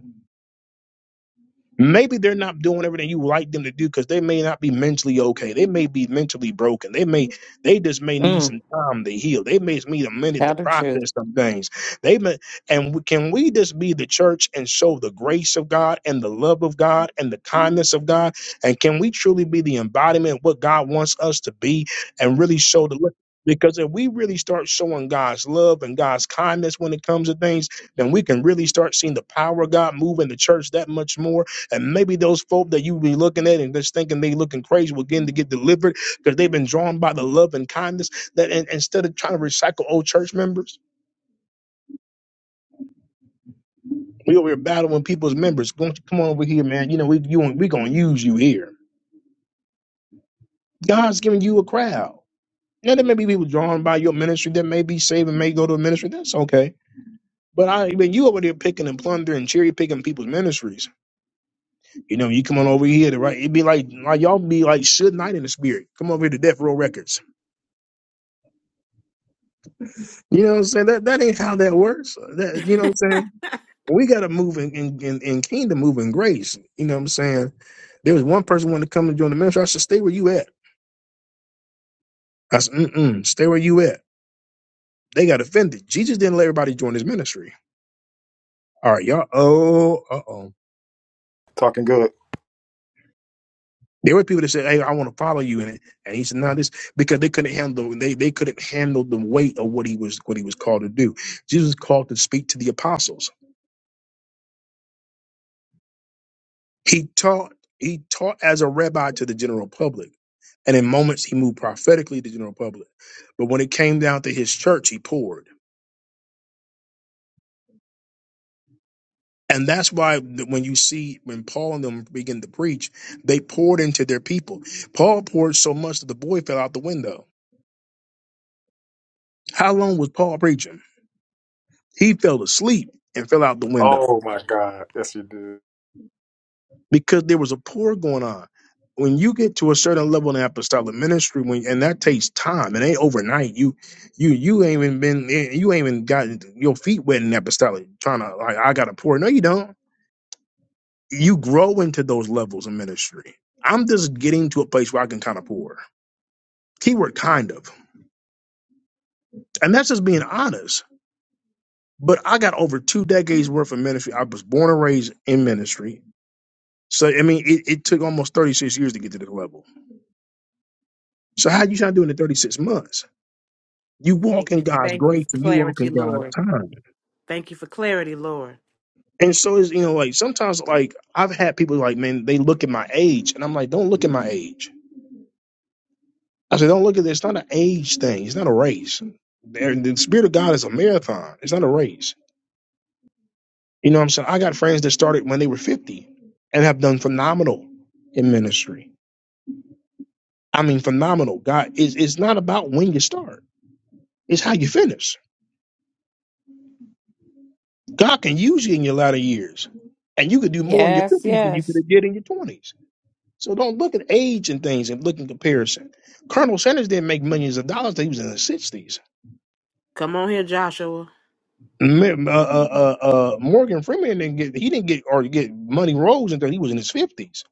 S1: Maybe they're not doing everything you would like them to do because they may not be mentally okay. They may be mentally broken. They may they just may need
S9: Mm,
S1: some time to heal. They may just need a minute to
S9: tell the truth.
S1: process some things. They may and we, can we just be the church and show the grace of God and the love of God and the kindness of God? And can we truly be the embodiment of what God wants us to be and really show the look? Because if we really start showing God's love and God's kindness when it comes to things, then we can really start seeing the power of God move in the church that much more and maybe those folk that you be looking at and just thinking they looking crazy will begin to get delivered because they've been drawn by the love and kindness that and, instead of trying to recycle old church members, we over here battling people's members. Go- Come on over here, man. You know, we you we gonna use you here. God's giving you a crowd. Now there may be people drawn by your ministry that may be saved and may go to a ministry. That's okay. But I mean you over there picking and plundering and cherry picking people's ministries. You know, you come on over here to right it'd be like like y'all be like Suge Knight in the spirit. Come over here to Death Row Records You know what I'm saying? That that ain't how that works. That you know what I'm saying? We gotta move in in, in, in kingdom move in grace. You know what I'm saying? There was one person wanted to come and join the ministry. I said, stay where you at. I said, mm-mm, stay where you at. They got offended. Jesus didn't let everybody join his ministry. All right, y'all. Oh, uh oh.
S8: Talking good.
S1: There were people that said, Hey, I want to follow you in it. And he said, No, this because they couldn't handle they they couldn't handle the weight of what he was what he was called to do. Jesus was called to speak to the apostles. He taught he taught as a rabbi to the general public, and in moments he moved prophetically to the general public. But when it came down to his church, he poured. And that's why th- when you see when Paul and them begin to preach, they poured into their people. Paul poured so much that the boy fell out the window. How long was Paul preaching? He fell asleep and fell out the window.
S8: Oh my God. Yes, you did.
S1: because there was a pour going on. When you get to a certain level in the apostolic ministry, when and that takes time, it ain't overnight. You, you, you ain't even been, eh, you ain't even gotten your feet wet in apostolic. Trying to like, I got to pour. No, you don't. You grow into those levels of ministry. I'm just getting to a place where I can kind of pour. Keyword kind of, and that's just being honest. But I got over two decades worth of ministry. I was born and raised in ministry, so I mean, it, it took almost 36 years to get to this level. So how you trying to do it in 36 months? You
S5: thank
S1: walk in
S5: you
S1: God's
S5: thank you for
S1: grace and you walk
S5: clarity
S1: in God's
S5: lord
S1: time.
S5: thank you for clarity lord
S1: And so it's you know, like sometimes like I've had people like, man, they look at my age and I'm like, don't look at my age. I said, don't look at this. It's not an age thing. It's not a race. There- The spirit of God is a marathon. It's not a race. You know what I'm saying? I got friends that started when they were 50 and have done phenomenal in ministry. I mean, phenomenal. God is it's it's not about when you start. It's how you finish. God can use you in your latter years. And you could do more in your
S9: Yes,
S1: 50s than you could
S9: yes.
S1: have did in your 20s So don't look at age and things and look in comparison. Colonel Sanders didn't make millions of dollars. till He was in the sixties.
S5: come on here joshua
S1: Ma- Uh, uh, uh, uh, Morgan Freeman didn't get he didn't get or get money rolls until he was in his fifties.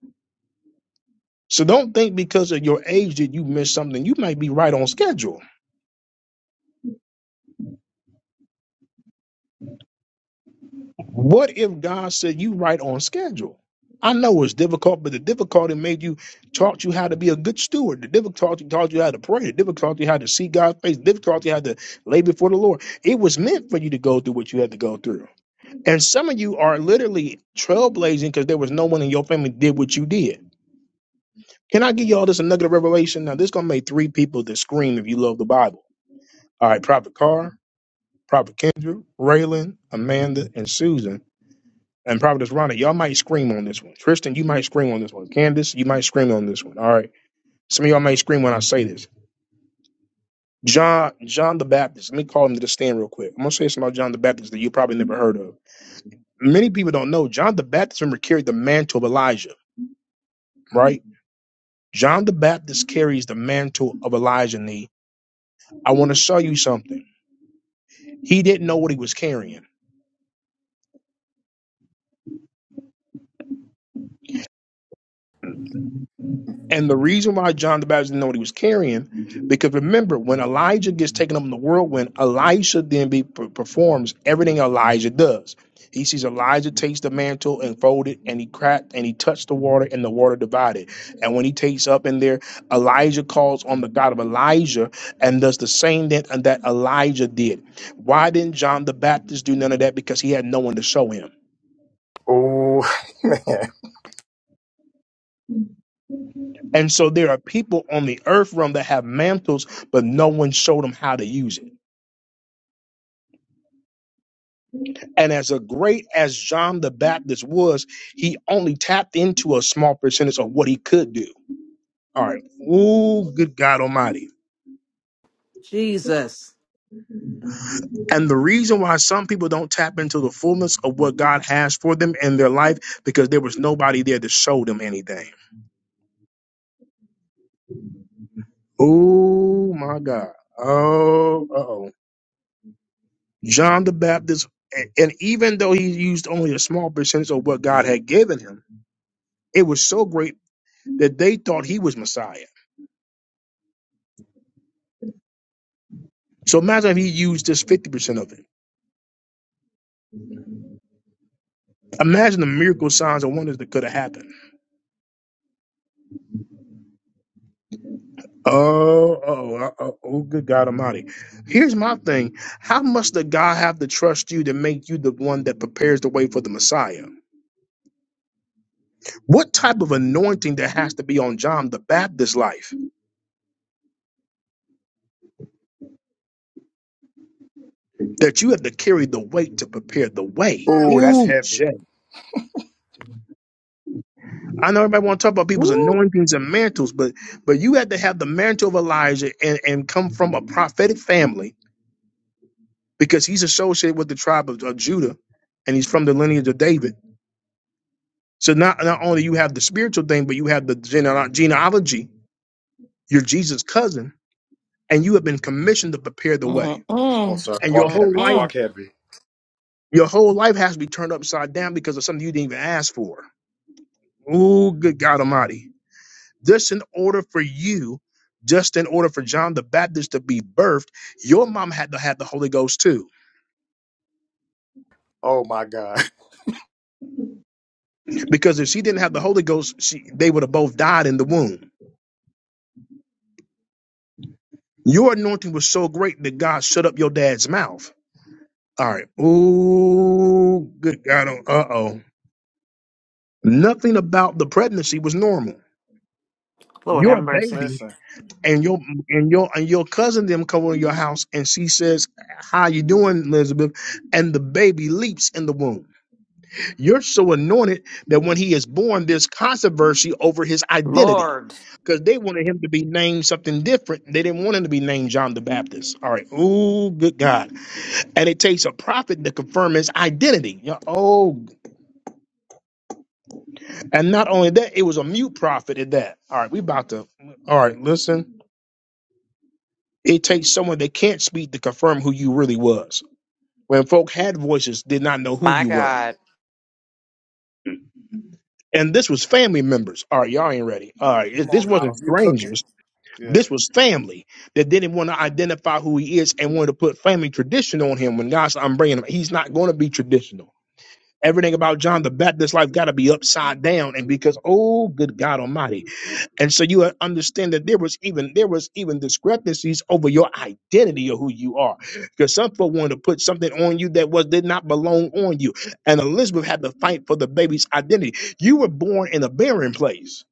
S1: So don't think because of your age that you missed something. You might be right on schedule. What if God said you right on schedule? I know it's difficult, but the difficulty made you taught you how to be a good steward. The difficulty taught you how to pray. The difficulty how to see God's face. The difficulty how to lay before the Lord. It was meant for you to go through what you had to go through. And some of you are literally trailblazing because there was no one in your family did what you did. Can I give y'all this a nugget of revelation? Now this gonna make three people that scream if you love the Bible. All right, Prophet Carr, Prophet Kendra, Raylan, Amanda, and Susan and Providence Ronda, y'all might scream on this one. Tristan, you might scream on this one. Candace, you might scream on this one. All right. Some of y'all might scream when I say this. John, John the Baptist. Let me call him to the stand real quick. I'm gonna say something about John the Baptist that you probably never heard of. Many people don't know John the Baptist remember carried the mantle of Elijah, right? John the Baptist carries the mantle of Elijah. Nee. I want to show you something. He didn't know what he was carrying. And the reason why John the Baptist didn't know what he was carrying, because remember, when Elijah gets taken up in the whirlwind, Elisha then be, performs everything Elijah does. He sees Elijah takes the mantle and fold it, and he cracked and he touched the water, and the water divided. And when he takes up in there, Elijah calls on the God of Elijah and does the same that, that Elijah did. Why didn't John the Baptist do none of that? Because he had no one to show him.
S8: Oh man.
S1: And so there are people on the earth realm that have mantles, but no one showed them how to use it. And as a great as John the Baptist was, he only tapped into a small percentage of what he could do. All right. Ooh, good God Almighty.
S5: jesus
S1: And the reason why some people don't tap into the fullness of what God has for them in their life, because there was nobody there to show them anything. Oh my God. Oh, uh-oh. John the Baptist, and and even though he used only a small percentage of what God had given him, it was so great that they thought he was Messiah. So imagine if he used just 50% of it. Imagine the miracle signs and wonders that could have happened. Oh, oh, uh, oh, oh, good God Almighty. Here's my thing. How much did God have to trust you to make you the one that prepares the way for the Messiah? What type of anointing there has to be on John the Baptist's life that you have to carry the weight to prepare the way?
S8: Oh, that's
S1: Ooh,
S8: heavy.
S1: Jay. I know everybody want to talk about people's
S5: Woo.
S1: anointings and mantles, but but you had to have the mantle of Elijah and, and come from a prophetic family because he's associated with the tribe of, of Judah and he's from the lineage of David. So not, not only you have the spiritual thing, but you have the gene- genealogy. You're Jesus' cousin, and you have been commissioned to prepare the way.
S8: Oh,
S9: Mm-mm.
S8: sir.
S1: And your
S8: Walk
S1: whole
S8: heavy.
S1: life,
S9: Mm-mm.
S8: Walk heavy.
S1: your whole life has to be turned upside down because of something you didn't even ask for. Oh, good God Almighty. Just in order for you, just in order for John the Baptist to be birthed, your mom had to have the Holy Ghost too.
S8: Oh my God.
S1: Because if she didn't have the Holy Ghost, she, they would have both died in the womb Your anointing was so great that God shut up your dad's mouth. All right. Ooh, good God. Uh oh. Nothing about the pregnancy was normal.
S5: lord
S1: You're
S5: have
S1: a
S5: mercy
S1: baby,
S8: Listen.
S1: and your and your and your cousin them come over your house, and she says, "How you doing, Elizabeth?" And the baby leaps in the womb. You're so anointed that when he is born, there's controversy over his identity
S9: Lord,
S1: because they wanted him to be named something different. They didn't want him to be named John the Baptist. All right. Oh, good God. And it takes a prophet to confirm his identity. You know, oh, and not only that, it was a mute prophet at that. All right, we about to. All right, listen. It takes someone that can't speak to confirm who you really was. When folk had voices, did not know who
S9: my
S1: you were.
S9: God.
S1: And this was family members. All right, y'all ain't ready. All right,
S8: Come
S1: it- this
S8: on now.
S1: wasn't
S8: You cooking.
S1: strangers.
S8: Yeah.
S1: This was family that didn't want to identify who he is and wanted to put family tradition on him. When God said, "I'm bringing him," he's not going to be traditional. Everything about John the Baptist's life got to be upside down, and because oh, good God Almighty, and so you understand that there was even there was even discrepancies over your identity of who you are, because some folk wanted to put something on you that was did not belong on you, and Elizabeth had to fight for the baby's identity. You were born in a barren place.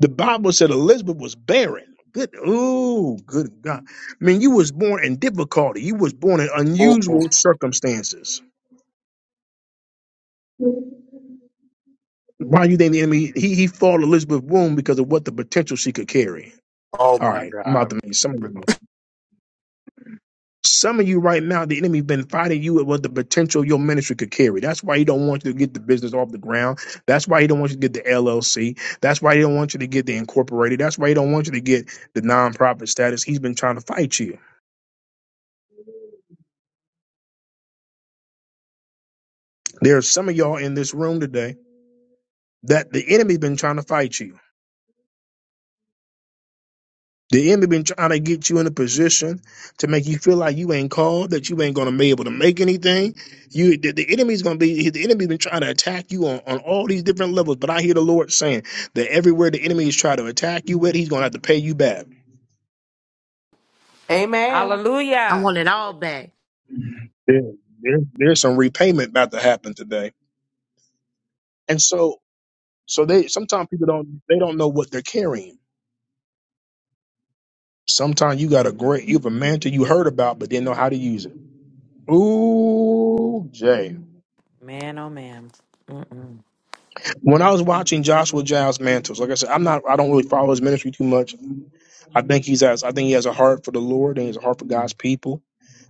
S1: The Bible said Elizabeth was barren. Good, oh, good God! I mean, you was born in difficulty. You was born in
S8: Oh,
S1: unusual circumstances Why do you think the enemy he he fought Elizabeth's womb because of what the potential she could carry?
S8: oh
S1: All
S8: my
S1: right, I'm about
S8: God.
S1: to make some of
S8: But
S1: you. Some of you right now, the enemy been fighting you at what the potential your ministry could carry. That's why he don't want you to get the business off the ground. That's why he don't want you to get the LLC. That's why he don't want you to get the incorporated. That's why he don't want you to get the nonprofit status. He's been trying to fight you. There are some of y'all in this room today that the enemy been trying to fight you. The enemy been trying to get you in a position to make you feel like you ain't called, that you ain't gonna be able to make anything. You, the, the enemy's gonna be the enemy been trying to attack you on, on all these different levels. But I hear the Lord saying that everywhere the enemy is trying to attack you with, he's gonna have to pay you back.
S5: amen
S10: I
S9: Hallelujah.
S10: want it all back.
S1: There, there- there's some repayment about to happen today. And so, so they sometimes people don't they don't know what they're carrying. Sometimes you got a great you have a mantle you heard about, but didn't know how to use it. Ooh, Jay.
S9: Man, oh man. Mm-mm.
S1: When I was watching Joshua Giles Mantles, like I said, I'm not I don't really follow his ministry too much. I think he's as I think he has a heart for the Lord and he has a heart for God's people.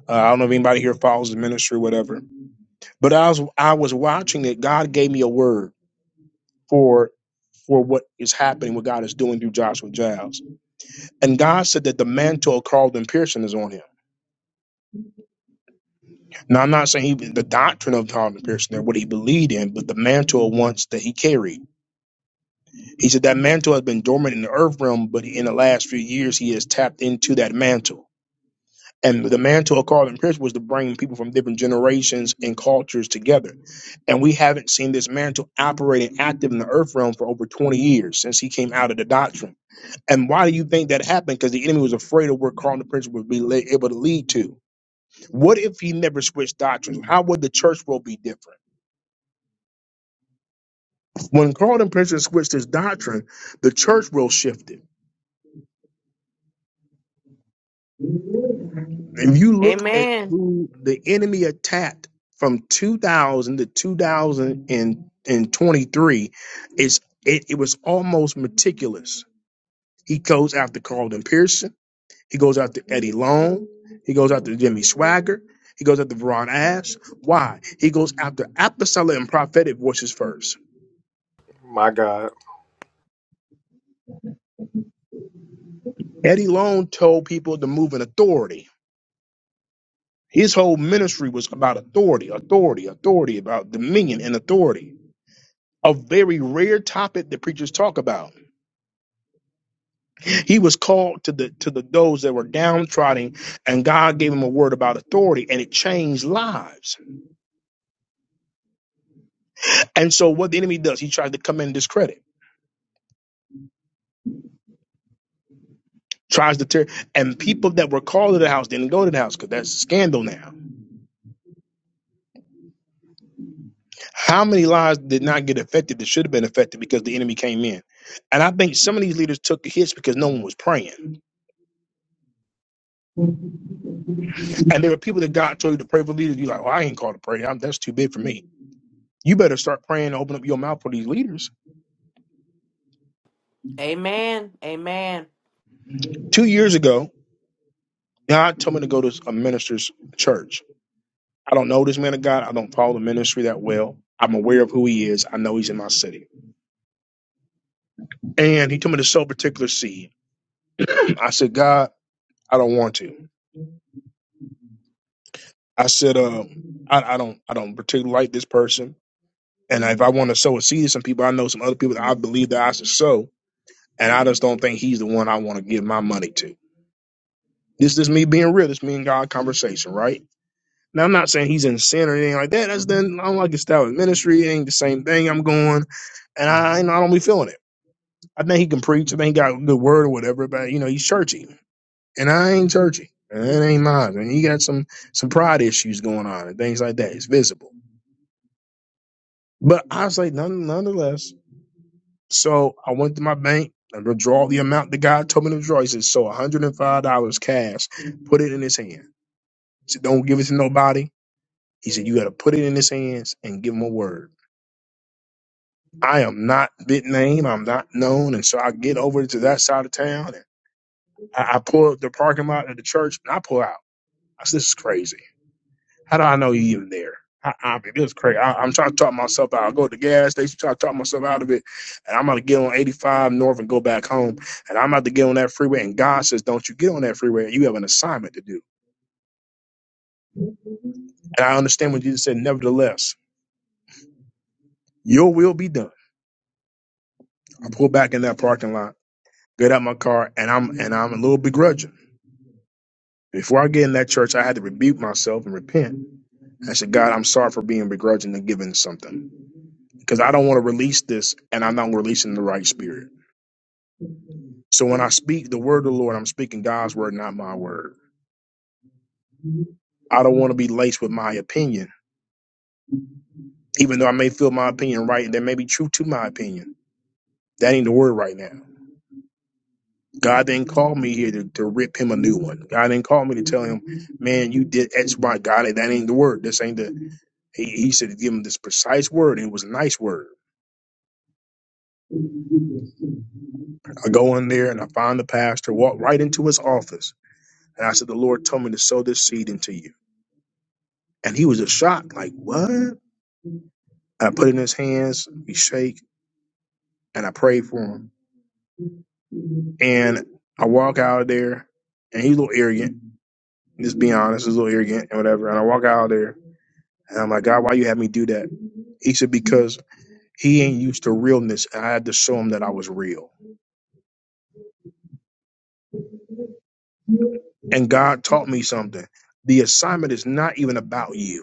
S1: Uh, I don't know if anybody here follows his ministry or whatever. But I was I was watching it. God gave me a word for for what is happening, what God is doing through Joshua Giles. And God said that the mantle of Carlton Pearson is on him. Now I'm not saying he, the doctrine of Carlton Pearson or what he believed in, but the mantle once that he carried. He said that mantle has been dormant in the earth realm, but in the last few years, he has tapped into that mantle. And the mantle of Carlton Pierce was to bring people from different generations and cultures together. And we haven't seen this mantle operating active in the earth realm for over 20 years since he came out of the doctrine. And why do you think that happened? Because the enemy was afraid of where Carlton Pierce would be le- able to lead to. What if he never switched doctrines? How would the church world be different? When Carlton Pierce switched his doctrine, the church world shifted If you look at
S5: amen
S1: who the enemy attacked from 2000 to 2023, it's, it, it was almost meticulous. He goes after Carlton Pearson. He goes after Eddie Long. He goes after Jimmy Swagger. He goes after Veron Ash. Why? He goes after apostolic and prophetic voices first.
S8: my God.
S1: Eddie Long told people to move in authority. His whole ministry was about authority, authority, authority, about dominion and authority a very rare topic that preachers talk about. He was called to the to the those that were downtrodden, and God gave him a word about authority, and it changed lives. And so, what the enemy does, he tries to come in and discredit, tries to tear, and people that were called to the house didn't go to the house because that's a scandal now. How many lives did not get affected that should have been affected because the enemy came in? And I think some of these leaders took the hits because no one was praying, and there were people that God told you to pray for leaders. You're like, "Oh, I ain't called to pray. I'm, that's too big for me." You better start praying to open up your mouth for these leaders.
S5: amen amen
S1: Two years ago, God told me to go to a minister's church. I don't know this man of God. I don't follow the ministry that well. I'm aware of who he is. I know he's in my city. And he told me to sow a particular seed. I said, God, I don't want to. I said, um, I, I don't I don't particularly like this person. And if I want to sow a seed to some people, I know some other people that I believe that I should sow. And I just don't think he's the one I want to give my money to. This is me being real. This me and God conversation, right? Now I'm not saying he's in sin or anything like that. That's then I don't like his style of ministry. It ain't the same thing I'm going, and I you know, I don't be feeling it. I think he can preach. I think he got a good word or whatever, but you know he's churchy, and I ain't churchy. And it ain't mine. And he got some some pride issues going on and things like that. It's visible, but I was like none, nonetheless. So I went to my bank. and withdraw the amount that God told me to withdraw. He said, so $105 cash, put it in his hand. He said, don't give it to nobody. He said, you got to put it in his hands and give him a word. I am not big name. I'm not known. And so I get over to that side of town and I, I pull up the parking lot of the church and I pull out. I said, this is crazy. How do I know you even there? I, I mean, it was crazy. I, I'm trying to talk myself out. I go to the gas station, try to talk myself out of it. And I'm about to get on 85 North and go back home. And I'm about to get on that freeway. And God says, don't you get on that freeway. You have an assignment to do. And I understand what Jesus said. Nevertheless, your will be done. I pull back in that parking lot, get out my car, and I'm, and I'm a little begrudging. Before I get in that church, I had to rebuke myself and repent. I said, God, I'm sorry for being begrudging and giving something because I don't want to release this and I'm not releasing the right spirit. So when I speak the word of the Lord, I'm speaking God's word, not my word. I don't want to be laced with my opinion, even though I may feel my opinion right and there may be truth to my opinion. That ain't the word right now. God didn't call me here to, to rip him a new one. God didn't call me to tell him, man, you did X, Y. God, that ain't the word. This ain't the, he, he said to give him this precise word. And it was a nice word. I go in there and I find the pastor, walk right into his office. And I said, The Lord told me to sow this seed into you. And he was just shocked, like, What? And I put it in his hands, we shake, and I pray for him. And I walk out of there, and he's a little arrogant, just being honest, he's a little arrogant and whatever. And I walk out of there, and I'm like, God, why you have me do that? He said, Because he ain't used to realness, and I had to show him that I was real. And God taught me something. The assignment is not even about you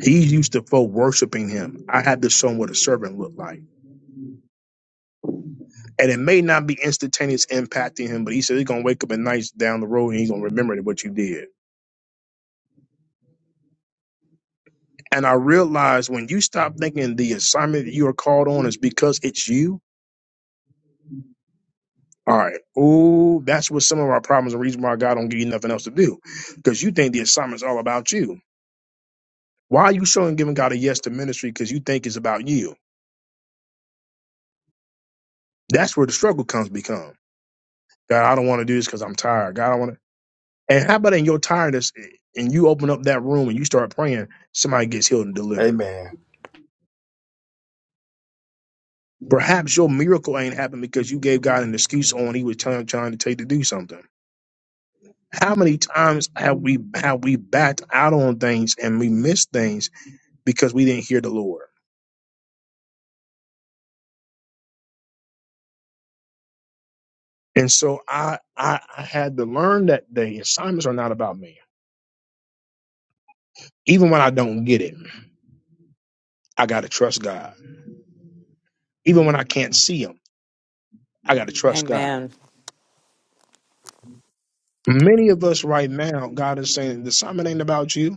S1: He used to folk worshiping him. I had to show him what a servant looked like. And it may not be instantaneous impacting him, but he said he's gonna wake up at nights down the road and he's gonna remember what you did. And I realized when you stop thinking the assignment that you are called on is because it's you. All right. Ooh, that's what some of our problems and reason why God don't give you nothing else to do. Because you think the assignment's all about you. Why are you showing giving God a yes to ministry? Because you think it's about you. That's where the struggle comes become. God, I don't want to do this because I'm tired. God, I want to. And how about in your tiredness and you open up that room and you start praying, somebody gets healed and delivered.
S8: Amen.
S1: Perhaps your miracle ain't happened because you gave God an excuse on he was trying, trying to take to do something. How many times have we have we backed out on things and we missed things because we didn't hear the Lord? And so I I, I had to learn that day assignments are not about me. Even when I don't get it, I gotta trust God. Even when I can't see him, I gotta trust God.
S9: Amen.
S1: Many of us right now, God is saying the assignment ain't about you.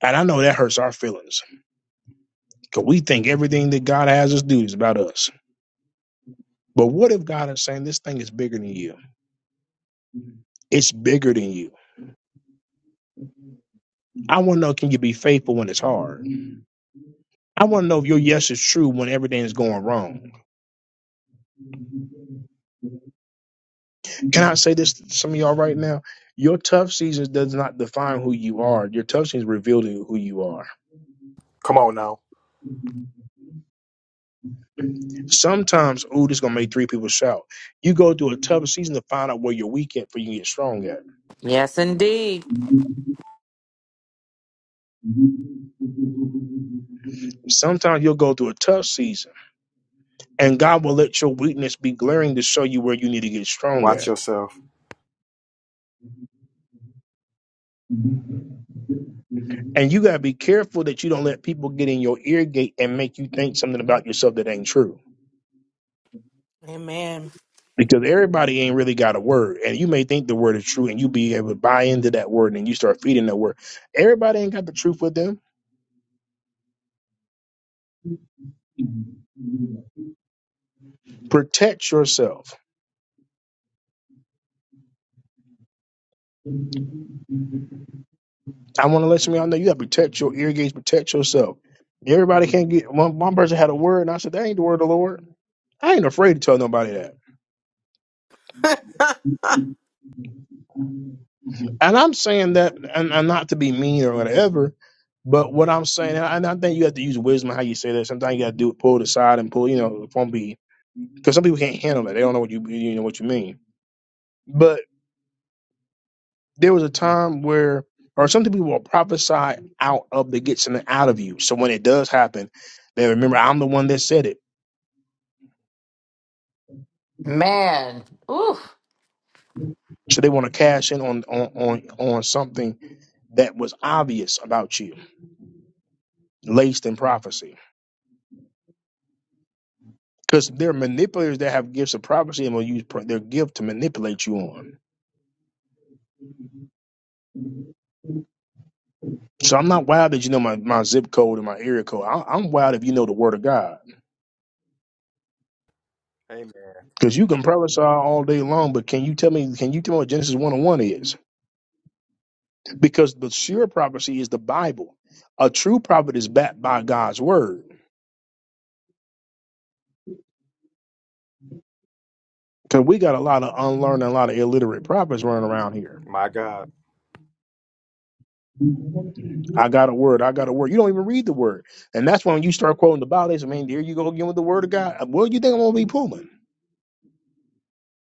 S1: And I know that hurts our feelings because we think everything that God has us do is about us. But what if God is saying this thing is bigger than you? It's bigger than you. I want to know can you be faithful when it's hard? I want to know if your yes is true when everything is going wrong. Can I say this to some of y'all right now? Your tough seasons does not define who you are. Your tough seasons reveal to you who you are.
S8: Come on now.
S1: Sometimes, ooh, this is gonna make three people shout. You go through a tough season to find out where you're weak at, for you can get strong at.
S9: Yes, indeed.
S1: Sometimes you'll go through a tough season, and God will let your weakness be glaring to show you where you need to get strong
S8: Watch
S1: at.
S8: yourself.
S1: And you got to be careful that you don't let people get in your ear gate and make you think something about yourself that ain't true.
S5: amen
S1: Because everybody ain't really got a word, and you may think the word is true, and you be able to buy into that word, and you start feeding that word. Everybody ain't got the truth with them. Protect yourself. I want to let some of y'all know you got to protect your ear gates, protect yourself. Everybody can't get one. One person had a word, and I said that ain't the word of the Lord. I ain't afraid to tell nobody that. And I'm saying that, and, and not to be mean or whatever, but what I'm saying, and I, and I think you have to use wisdom how you say that. Sometimes you got to do it, pull it aside and pull, you know, from be because some people can't handle that. They don't know what you you know what you mean. But there was a time where, or some people will prophesy out of the get something out of you. So when it does happen, they remember I'm the one that said it.
S9: Man. Oof.
S1: So they want to cash in on on on on something that was obvious about you, laced in prophecy. Because there are manipulators that have gifts of prophecy and will use pro- their gift to manipulate you on. So I'm not wild that you know my, my zip code and my area code. I, I'm wild if you know the word of God.
S8: Amen.
S1: Because you can prophesy all day long, but can you tell me, can you tell me what Genesis 1 and 1 is? Because the sure prophecy is the Bible. A true prophet is backed by God's word. Because we got a lot of unlearned and a lot of illiterate prophets running around here.
S8: My God.
S1: I got a word. I got a word. You don't even read the word. And that's when you start quoting the Bible. They say, man, there you go again with the word of God. What do you think I'm going to be pulling?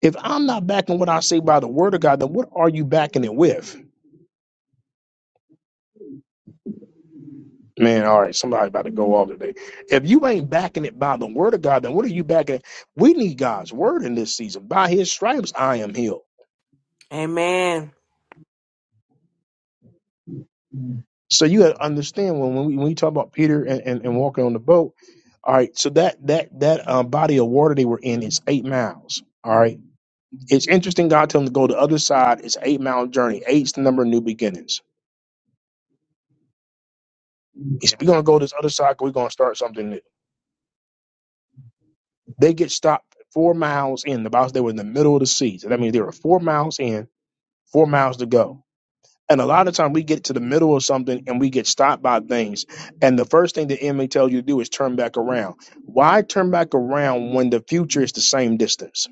S1: If I'm not backing what I say by the word of God, then what are you backing it with? Man, all right, somebody about to go off today. If you ain't backing it by the word of God, then what are you backing? it- We need God's word in this season. By his stripes, I am healed.
S5: amen
S1: So you gotta understand when when we, when we talk about Peter and, and, and walking on the boat, all right, so that that that um, body of water they were in is eight miles. All right. It's interesting God told them to go the other side. It's an eight mile journey. Eight's the number of new beginnings. He said, We're gonna go this other side side, 'cause we're gonna start something new. They get stopped four miles in. The Bible said they were in the middle of the sea. So that means they were four miles in, four miles to go. And a lot of time we get to the middle of something and we get stopped by things. And the first thing the enemy tells you to do is turn back around. Why turn back around when the future is the same distance?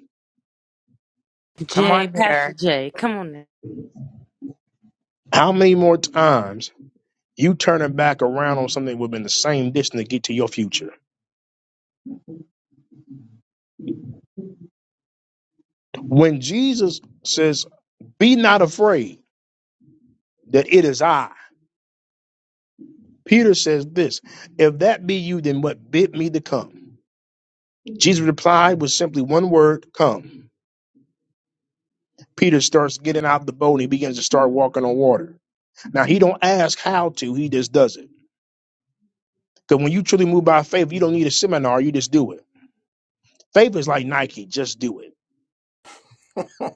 S9: Come
S10: Jay,
S9: on
S10: Pastor
S9: here.
S10: Jay, come on now.
S1: How many more times you turning back around on something within the same distance to get to your future? When Jesus says, Be not afraid that it is I. Peter says this If that be you, then what bid me to come? Jesus replied with simply one word, come. Peter starts getting out the boat and he begins to start walking on water. Now he don't ask how to, he just does it. Because when you truly move by faith, you don't need a seminar, you just do it. Faith is like Nike, just do it.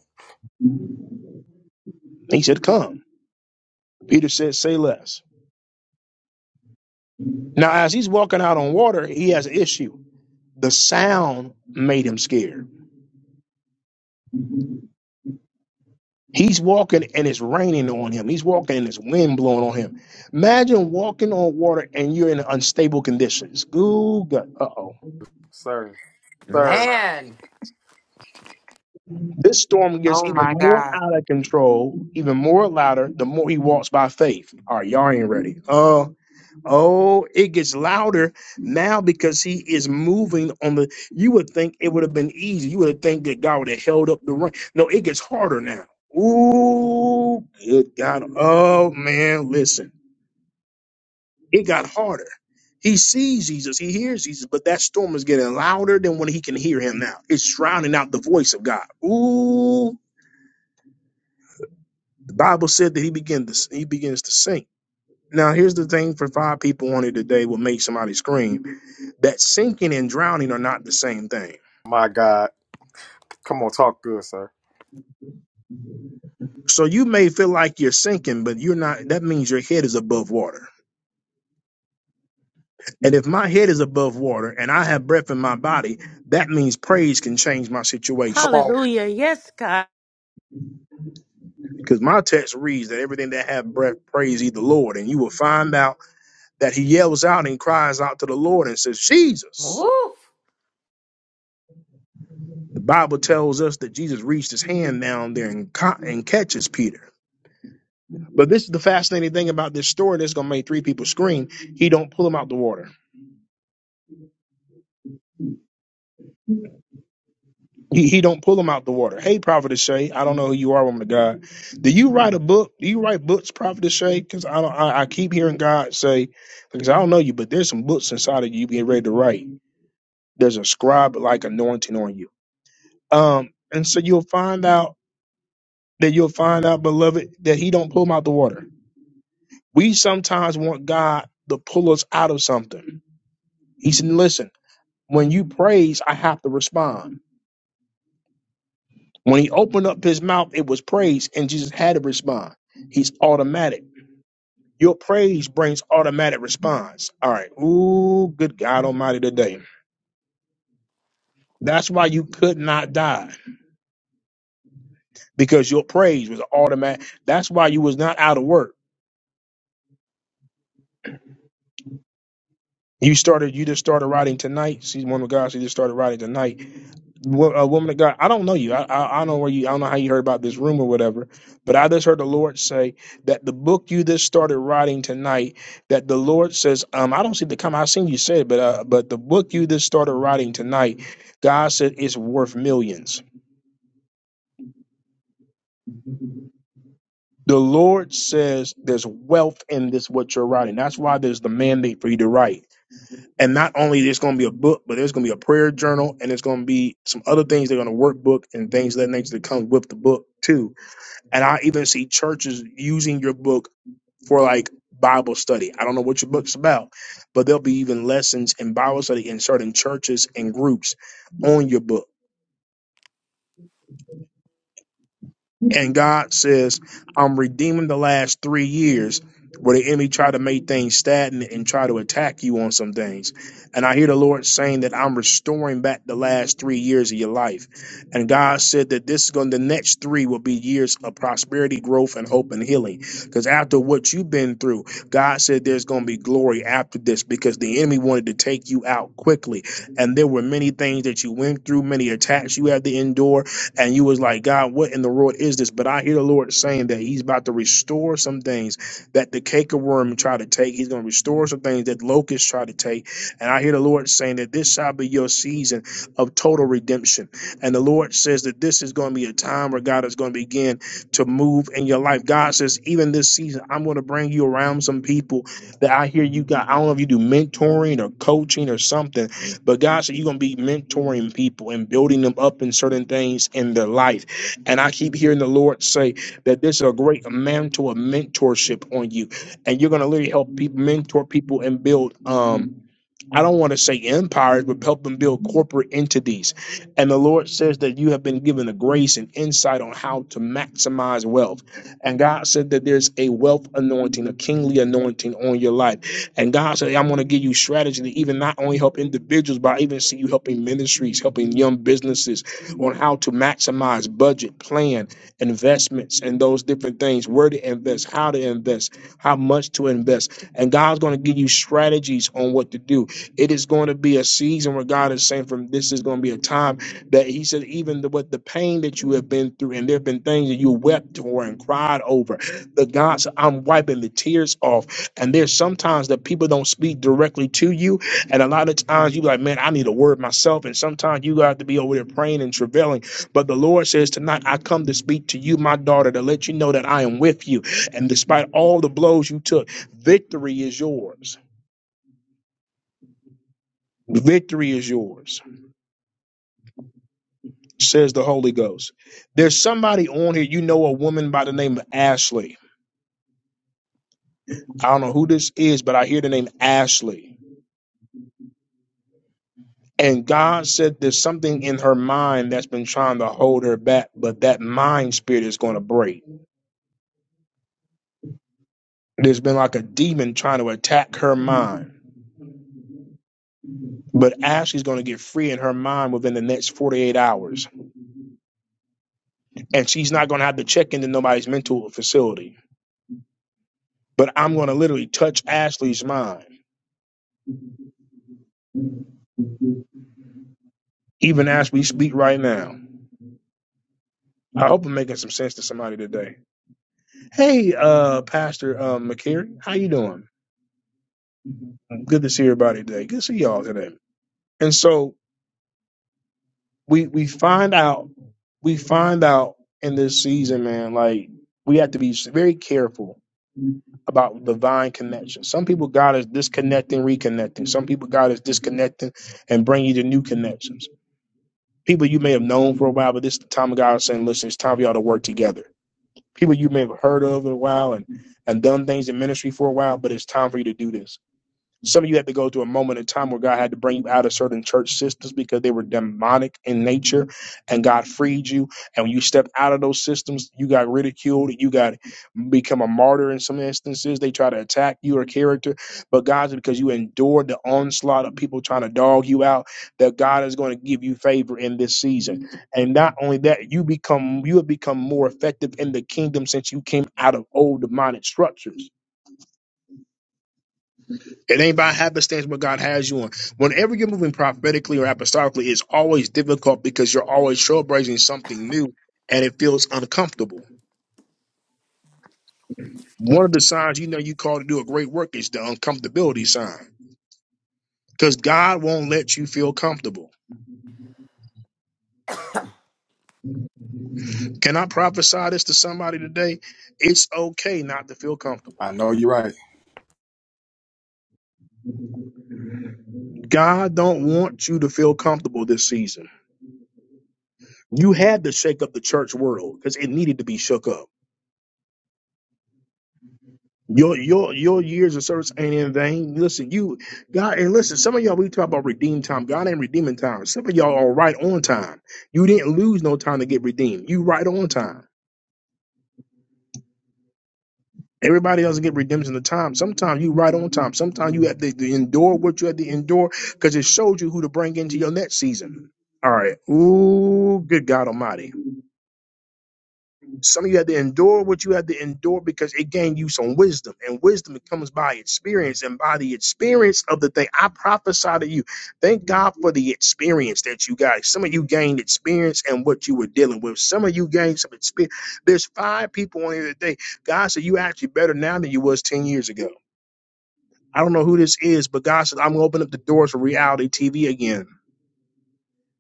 S1: He said, Come. Peter said, Say less. Now, as he's walking out on water, he has an issue. The sound made him scared. He's walking and it's raining on him. He's walking and it's wind blowing on him. Imagine walking on water and you're in unstable conditions. Ooh, uh oh.
S8: Sir. Sir.
S9: Man.
S1: This storm gets
S5: Oh
S1: even
S5: my
S1: more
S5: God.
S1: out of control, even more louder the more he walks by faith. All right, y'all ain't ready. Uh oh, it gets louder now because he is moving on the. You would think it would have been easy. You would think that God would have held up the rain. No, it gets harder now. Ooh, good God. Oh man, listen. It got harder. He sees Jesus, he hears Jesus, but that storm is getting louder than when he can hear him now. It's drowning out the voice of God. Ooh, the Bible said that he began to he begins to sink. Now here's the thing for five people on it today will make somebody scream that sinking and drowning are not the same thing.
S8: My God. Come on, talk good, sir.
S1: So you may feel like you're sinking, but you're not. That means your head is above water. And if my head is above water and I have breath in my body, that means praise can change my
S8: Come
S1: situation.
S8: on.
S10: Hallelujah. Yes, God.
S1: Because my text reads that everything that hath breath praise ye the Lord. And you will find out that he yells out and cries out to the Lord and says, Jesus.
S9: Oof.
S1: The Bible tells us that Jesus reached his hand down there and, ca- and catches Peter. But this is the fascinating thing about this story that's going to make three people scream. He don't pull him out the water. He, he don't pull him out the water. Hey, Prophetess Shay, I don't know who you are, woman of God. Do you write a book? Do you write books, Prophetess Shay? Because I, don't- I I keep hearing God say, because I don't know you, but there's some books inside of you getting ready to write. There's a scribe like anointing on you. Um, and so you'll find out that you'll find out, beloved, that he don't pull them out the water. We sometimes want God to pull us out of something. He said, Listen, when you praise, I have to respond. When he opened up his mouth, it was praise, and Jesus had to respond. He's automatic. Your praise brings automatic response. All right. Ooh, good God Almighty today. That's why you could not die because your praise was automatic. That's why you was not out of work You started. You just started writing tonight. She's one of God. She just started writing tonight. Wo- A woman of God. I don't know you. I, I I don't know where you. I don't know how you heard about this room or whatever. But I just heard the Lord say that the book you just started writing tonight. That the Lord says. Um, I don't see the comment. I seen you said, but uh, but the book you just started writing tonight. God said it's worth millions. The Lord says there's wealth in this what you're writing. That's why there's the mandate for you to write. And not only there's going to be a book, but there's going to be a prayer journal, and there's going to be some other things. They're going to workbook and things of that nature that comes with the book too. And I even see churches using your book for like Bible study. I don't know what your book's about, but there'll be even lessons in Bible study in certain churches and groups on your book And God says, I'm redeeming the last three years where the enemy tried to make things stagnant and try to attack you on some things. And I hear the Lord saying that I'm restoring back the last three years of your life. And God said that this is going the next three will be years of prosperity, growth, and hope and healing. Because after what you've been through, God said there's going to be glory after this because the enemy wanted to take you out quickly. And there were many things that you went through, many attacks you had to endure and you was like, God, what in the world is this? But I hear the Lord saying that He's about to restore some things that the cake of worm tried to take. He's going to restore some things that locusts try to take. And I hear the Lord saying that this shall be your season of total redemption. And the Lord says that this is going to be a time where God is going to begin to move in your life. God says, even this season, I'm going to bring you around some people that I hear you got. I don't know if you do mentoring or coaching or something but God said you're gonna be mentoring people and building them up in certain things in their life. And I keep hearing the Lord say that this is a great mantle of mentorship on you, and you're gonna literally help people mentor people and build um I don't want to say empires, but help them build corporate entities. And the Lord says that you have been given a grace and insight on how to maximize wealth. And God said that there's a wealth anointing, a kingly anointing on your life. And God said, I'm going to give you strategy to even not only help individuals, but I even see you helping ministries, helping young businesses on how to maximize budget, plan investments and those different things, where to invest, how to invest, how much to invest. And God's going to give you strategies on what to do. It is going to be a season where God is saying, from this is going to be a time that He said, even the, with the pain that you have been through, and there have been things that you wept over and cried over, the God said, I'm wiping the tears off. And there's sometimes that people don't speak directly to you. And a lot of times you like, man, I need a word myself. And sometimes you have to be over there praying and travailing but the Lord says tonight, I come to speak to you, my daughter, to let you know that I am with you. And despite all the blows you took, victory is yours. Victory is yours, says the Holy Ghost. There's somebody on here, you know, a woman by the name of Ashley. I don't know who this is, but I hear the name Ashley. And God said there's something in her mind that's been trying to hold her back, but that mind spirit is going to break. There's been like a demon trying to attack her mind But Ashley's going to get free in her mind within the next 48 hours. And she's not going to have to check into nobody's mental facility. But I'm going to literally touch Ashley's mind, even as we speak right now. I hope I'm making some sense to somebody today. Hey, uh, Pastor um, McCary, how you doing? Good to see everybody today. Good to see y'all today. And so we we find out we find out in this season, man. Like we have to be very careful about divine connection. Some people God is disconnecting, reconnecting. Some people God is disconnecting and bringing you to new connections. People you may have known for a while, but this is the time of God saying, listen, it's time for y'all to work together. People you may have heard of a while and, and done things in ministry for a while, but it's time for you to do this. Some of you had to go through a moment in time where God had to bring you out of certain church systems because they were demonic in nature, and God freed you. And when you stepped out of those systems, you got ridiculed, you got become a martyr in some instances. They try to attack your character, but God's because you endured the onslaught of people trying to dog you out. That God is going to give you favor in this season, and not only that, you become you have become more effective in the kingdom since you came out of old demonic structures. It ain't by happenstance what God has you on. Whenever you're moving prophetically or apostolically, it's always difficult because you're always trailblazing something new and it feels uncomfortable. One of the signs you know you called to do a great work is the uncomfortability sign because God won't let you feel comfortable. Can I prophesy this to somebody today? It's okay not to feel comfortable.
S8: I know you're right.
S1: God don't want you to feel comfortable this season. You had to shake up the church world because it needed to be shook up. Your your your years of service ain't in vain. Listen, you God and listen, some of y'all we talk about redeem time. God ain't redeeming time. Some of y'all are right on time. You didn't lose no time to get redeemed. You right on time. Everybody else get redemption of time. Sometimes you right on time. Sometimes you have to, to endure what you have to endure because it shows you who to bring into your next season. All right. Ooh, good God Almighty. Some of you had to endure what you had to endure because it gained you some wisdom, and wisdom comes by experience, and by the experience of the thing, I prophesy to you. Thank God for the experience that you got. Some of you gained experience and what you were dealing with. Some of you gained some experience. There's five people on here today. God said you actually better now than you was ten years ago. I don't know who this is, but God said I'm gonna open up the doors for reality TV again.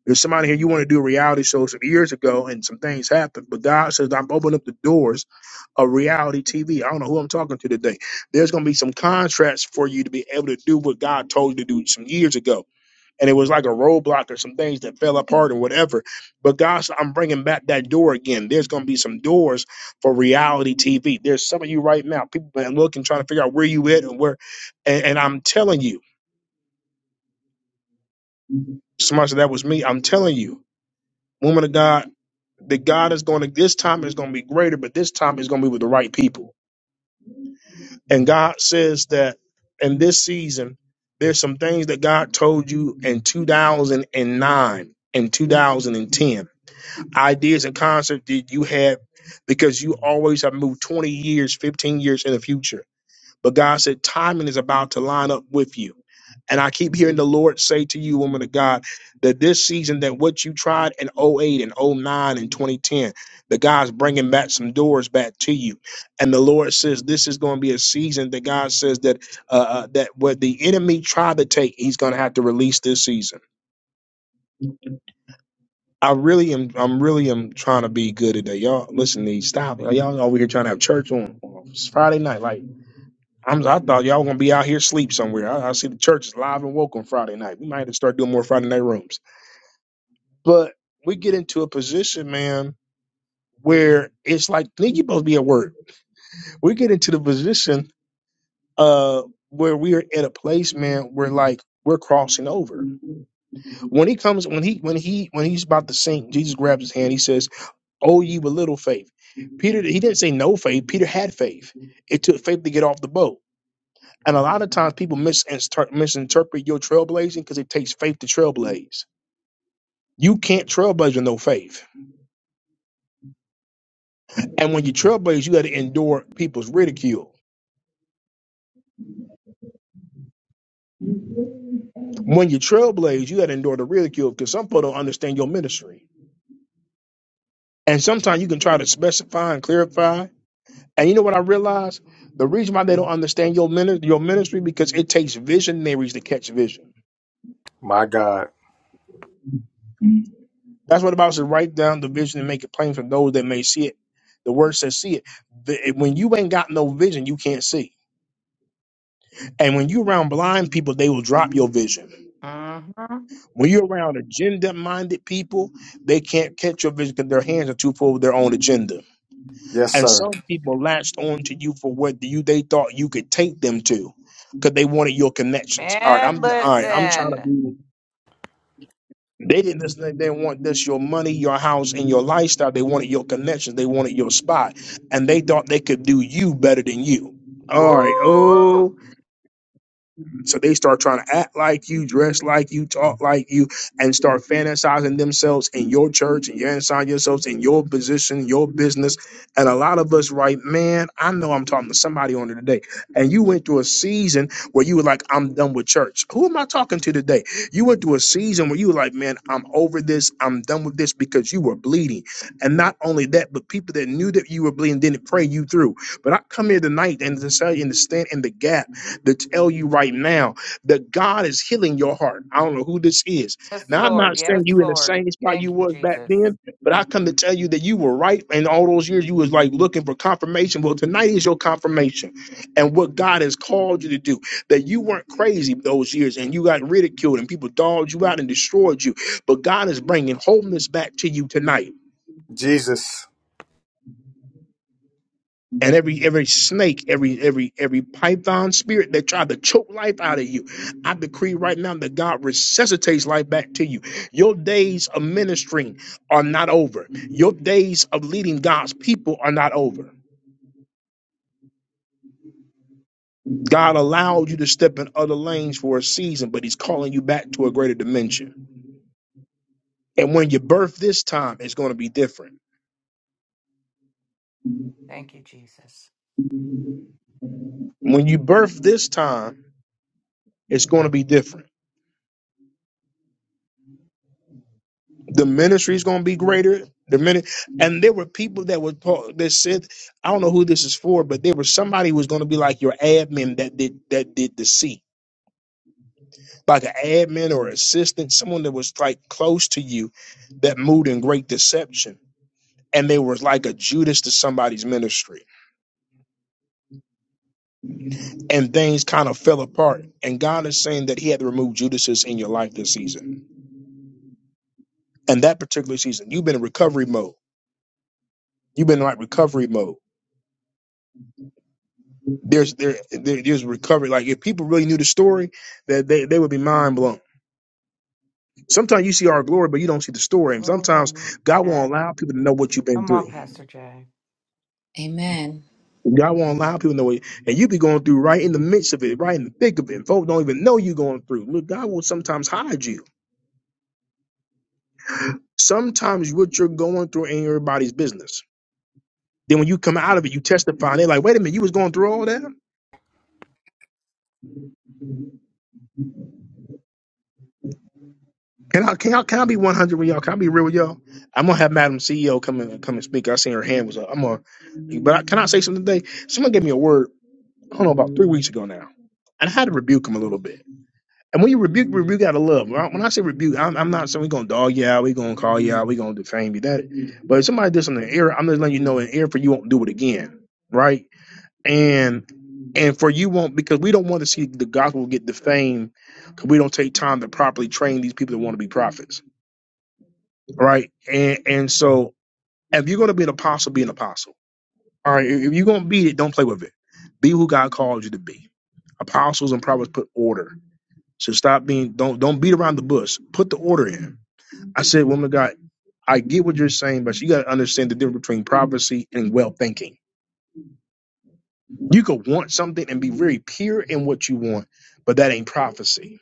S1: There's somebody here you want to do a reality show some years ago, and some things happened. But God says I'm opening up the doors of reality TV. I don't know who I'm talking to today. There's going to be some contracts for you to be able to do what God told you to do some years ago. And it was like a roadblock or some things that fell apart or whatever. But God said, I'm bringing back that door again. There's going to be some doors for reality TV. There's some of you right now, people been looking, trying to figure out where you at and where. And, and I'm telling you, somebody said that was me. I'm telling you, woman of God. that God is going to, this time is going to be greater, but this time is going to be with the right people. And God says that in this season, there's some things that God told you in 2009 and 2010, ideas and concepts that you had because you always have moved 20 years, 15 years in the future but God said, timing is about to line up with you. And I keep hearing the Lord say to you, woman of God, that this season, that what you tried in '08 and '09 and 2010, that God's bringing back some doors back to you. And the Lord says, this is going to be a season that God says that uh, uh, that what the enemy tried to take, he's going to have to release this season. I really am. I'm really am trying to be good today, y'all. Listen, to these stop. it. Y'all over here trying to have church on on Friday night, like. I'm, I thought y'all were gonna be out here sleep somewhere. I, I see the church is live and woke on Friday night. We might have to start doing more Friday night rooms. But we get into a position, man, where it's like nigga, you supposed to be at work. We get into the position uh where we are at a place, man, where like we're crossing over. When he comes, when he when he when he's about to sink, Jesus grabs his hand. He says, "Oh, ye with little faith." Peter, he didn't say no faith. Peter had faith. It took faith to get off the boat And a lot of times people misinter- misinterpret your trailblazing because it takes faith to trailblaze. You can't trailblaze with no faith. And when you trailblaze, you got to endure people's ridicule. When you trailblaze, you got to endure the ridicule because some people don't understand your ministry. And sometimes you can try to specify and clarify. And you know what I realized? The reason why they don't understand your, mini- your ministry because it takes visionaries to catch vision.
S8: My God.
S1: That's what the Bible says. Write down the vision and make it plain for those that may see it. The word says, "See it." The- when you ain't got no vision, you can't see. And when you're around blind people, they will drop your vision.
S9: Mm-hmm.
S1: When you're around agenda-minded people, they can't catch your vision because their hands are too full of their own agenda.
S8: Yes,
S1: And
S8: sir.
S1: some people latched on to you for what you they thought you could take them to, because they wanted your connections. All right, I'm
S9: Man,
S1: all right. I'm trying to
S9: listen.
S1: be. They didn't just, they didn't want just your money, your house, and your lifestyle. They wanted your connections. They wanted your spot, and they thought they could do you better than you. All right. Oh,
S9: Woo.
S1: so they start trying to act like you, dress like you, talk like you, and start fantasizing themselves in your church and your inside yourselves in your position, your business. And a lot of us, right, man, I know I'm talking to somebody on it today. And you went through a season where you were like, I'm done with church. Who am I talking to today? You went through a season where you were like, man, I'm over this. I'm done with this because you were bleeding. And not only that, but people that knew that you were bleeding didn't pray you through. But I come here tonight and to tell you and to stand in the gap to tell you right now that God is healing your heart. I don't know who this is.
S9: Yes,
S1: Now I'm
S9: Lord.
S1: not saying
S9: Yes,
S1: you in the
S9: Lord.
S1: same spot you
S9: Thank you,
S1: was back
S9: Jesus.
S1: then, but I come to tell you that you were right in all those years you was like looking for confirmation. Well, tonight is your confirmation and what God has called you to do. That you weren't crazy those years and you got ridiculed and people dogged you out and destroyed you. But God is bringing wholeness back to you tonight.
S8: Jesus.
S1: and every every snake, every every every python spirit that tried to choke life out of you, I decree right now that God resuscitates life back to you. Your days of ministering are not over. Your days of leading God's people are not over. God allowed you to step in other lanes for a season, but He's calling you back to a greater dimension. And when you birth this time, it's going to be different.
S9: Thank you, Jesus.
S1: When you birth this time, it's going to be different. the ministry is going to be greater. The minute, and there were people that were taught that said, I don't know who this is for, but there was somebody who was going to be like your admin that did that did the seat, like an admin or assistant, someone that was like close to you, that moved in great deception, and they was like a Judas to somebody's ministry, and things kind of fell apart. And God is saying that He had to remove Judases in your life this season, and that particular season, you've been in recovery mode. You've been in like recovery mode there's there, there there's recovery. Like if people really knew the story, that they, they would be mind blown. Sometimes you see our glory, but you don't see the story. And sometimes
S9: Oh,
S1: God
S9: man.
S1: won't allow people to know what you've been
S9: Come
S1: through.
S9: on, Pastor Jay.
S14: Amen.
S1: God won't allow people to know what, and you be going through right in the midst of it, right in the thick of it. And Folks don't even know you're going through. Look, God will sometimes hide you. Sometimes what you're going through ain't everybody's business. Then when you come out of it, you testify, and they're like, "Wait a minute, you was going through all that." Can I can I can I be one hundred with y'all? Can I be real with y'all? I'm gonna have Madam CEO come and come and speak. I seen her hand was up. I'm gonna, but I, can I say something today? Someone gave me a word. I don't know about three weeks ago now, and I had to rebuke him a little bit. And when you rebuke, rebuke out of love. When I, when I say rebuke, I'm, I'm not saying we're gonna dog you out, we're gonna call you out, we're gonna defame you. That, but if somebody did something in error, I'm just letting you know in error for you won't do it again, right? And and for you won't because we don't want to see the gospel get defamed because we don't take time to properly train these people that want to be prophets right? And and so if you're gonna be an apostle, be an apostle. All right, if you're gonna be it, don't play with it. Be who God called you to be. Apostles and prophets put order. So stop being don't don't beat around the bush. Put the order in. I said, woman of God, I get what you're saying, but you gotta understand the difference between prophecy and well thinking. You could want something and be very pure in what you want, but that ain't prophecy.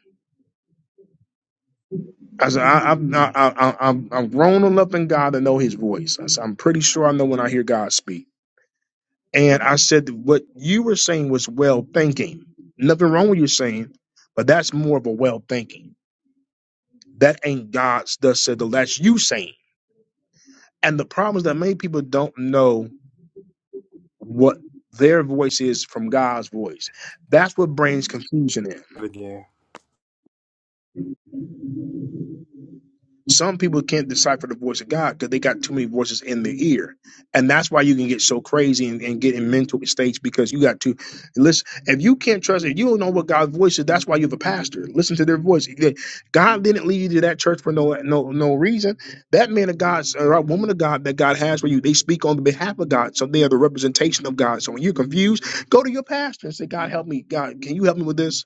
S1: I said, I, I'm, I, I, I'm I'm grown enough in God to know His voice. I said, I'm pretty sure I know when I hear God speak. And I said that what you were saying was well thinking. Nothing wrong with you saying, but that's more of a well thinking. That ain't God's thus said the Lord. that's you saying. And the problem is that many people don't know what their voice is from God's voice. That's what brings confusion in.
S8: Again.
S1: Some people can't decipher the voice of God because they got too many voices in their ear. And that's why you can get so crazy and, and get in mental states because you got to listen. If you can't trust, if you don't know what God's voice is, that's why you have a pastor. Listen to their voice. God didn't lead you to that church for no no no reason. That man of God or woman of God that God has for you, they speak on the behalf of God. So they are the representation of God. So when you're confused, go to your pastor and say, God help me. God, can you help me with this?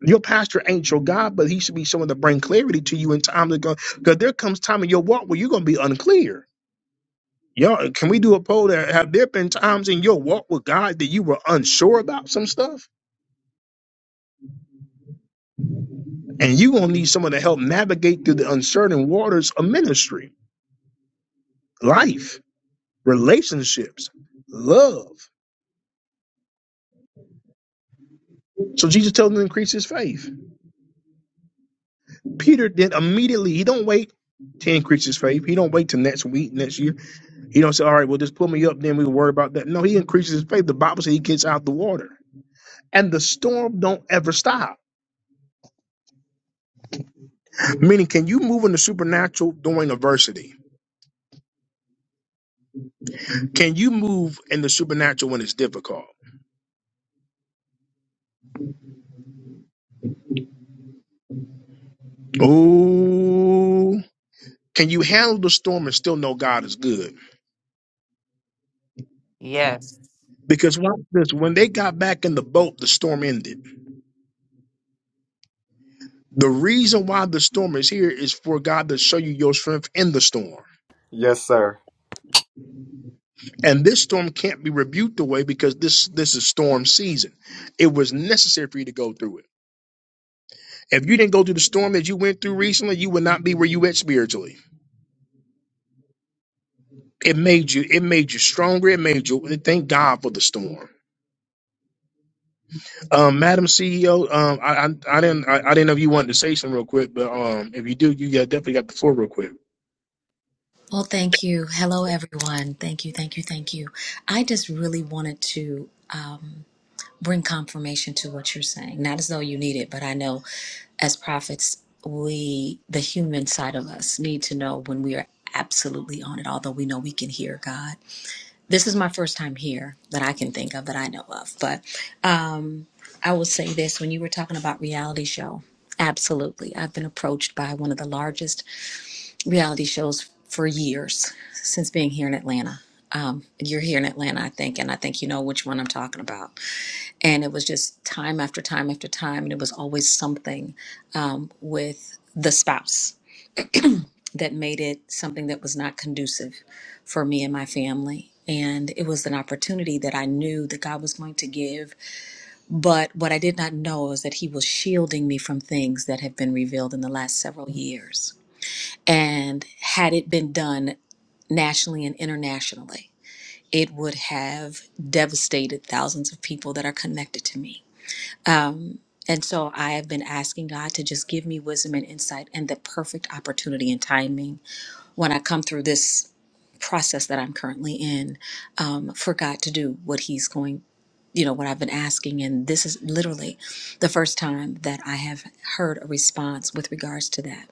S1: Your pastor ain't your God, but he should be someone to bring clarity to you in time to go. Because there comes time in your walk where you're gonna be unclear. Y'all, can we do a poll that have there been times in your walk with God that you were unsure about some stuff? And you gonna need someone to help navigate through the uncertain waters of ministry, life, relationships, love. So Jesus tells him to increase his faith. Peter then immediately, he don't wait to increase his faith. He don't wait till next week, next year You don't say, all right, well, just pull me up, then we can worry about that. No, he increases his faith. The Bible says he gets out the water. And the storm don't ever stop. Meaning, can you move in the supernatural during adversity? Can you move in the supernatural when it's difficult? Ooh. Can you handle the storm and still know God is good?
S9: Yes.
S1: Because watch this, when they got back in the boat, the storm ended. The reason why the storm is here is for God to show you your strength in the storm.
S8: Yes, sir.
S1: And this storm can't be rebuked away because this this is storm season. It was necessary for you to go through it. If you didn't go through the storm that you went through recently, you would not be where you at spiritually. It made you it made you stronger. It made you thank God for the storm. Um, Madam CEO, um, I, I I didn't I, I didn't know if you wanted to say something real quick, but um, if you do, you got, definitely got the floor real quick.
S14: Well, thank you. Hello, everyone. Thank you, thank you, thank you. I just really wanted to um, bring confirmation to what you're saying. Not as though you need it, but I know as prophets, we, the human side of us, need to know when we are absolutely on it, although we know we can hear God. This is my first time here that I can think of that I know of, but um, I will say this when you were talking about reality show, absolutely. I've been approached by one of the largest reality shows for years since being here in Atlanta. Um, you're here in Atlanta, I think, and I think you know which one I'm talking about. And it was just time after time after time, and it was always something um, with the spouse that made it something that was not conducive for me and my family. And it was an opportunity that I knew that God was going to give. But what I did not know is that He was shielding me from things that have been revealed in the last several years. And had it been done nationally and internationally. It would have devastated thousands of people that are connected to me. Um, and so I have been asking God to just give me wisdom and insight and the perfect opportunity and timing when I come through this process that I'm currently in um, for God to do what He's going, you know, what I've been asking. And this is literally the first time that I have heard a response with regards to that.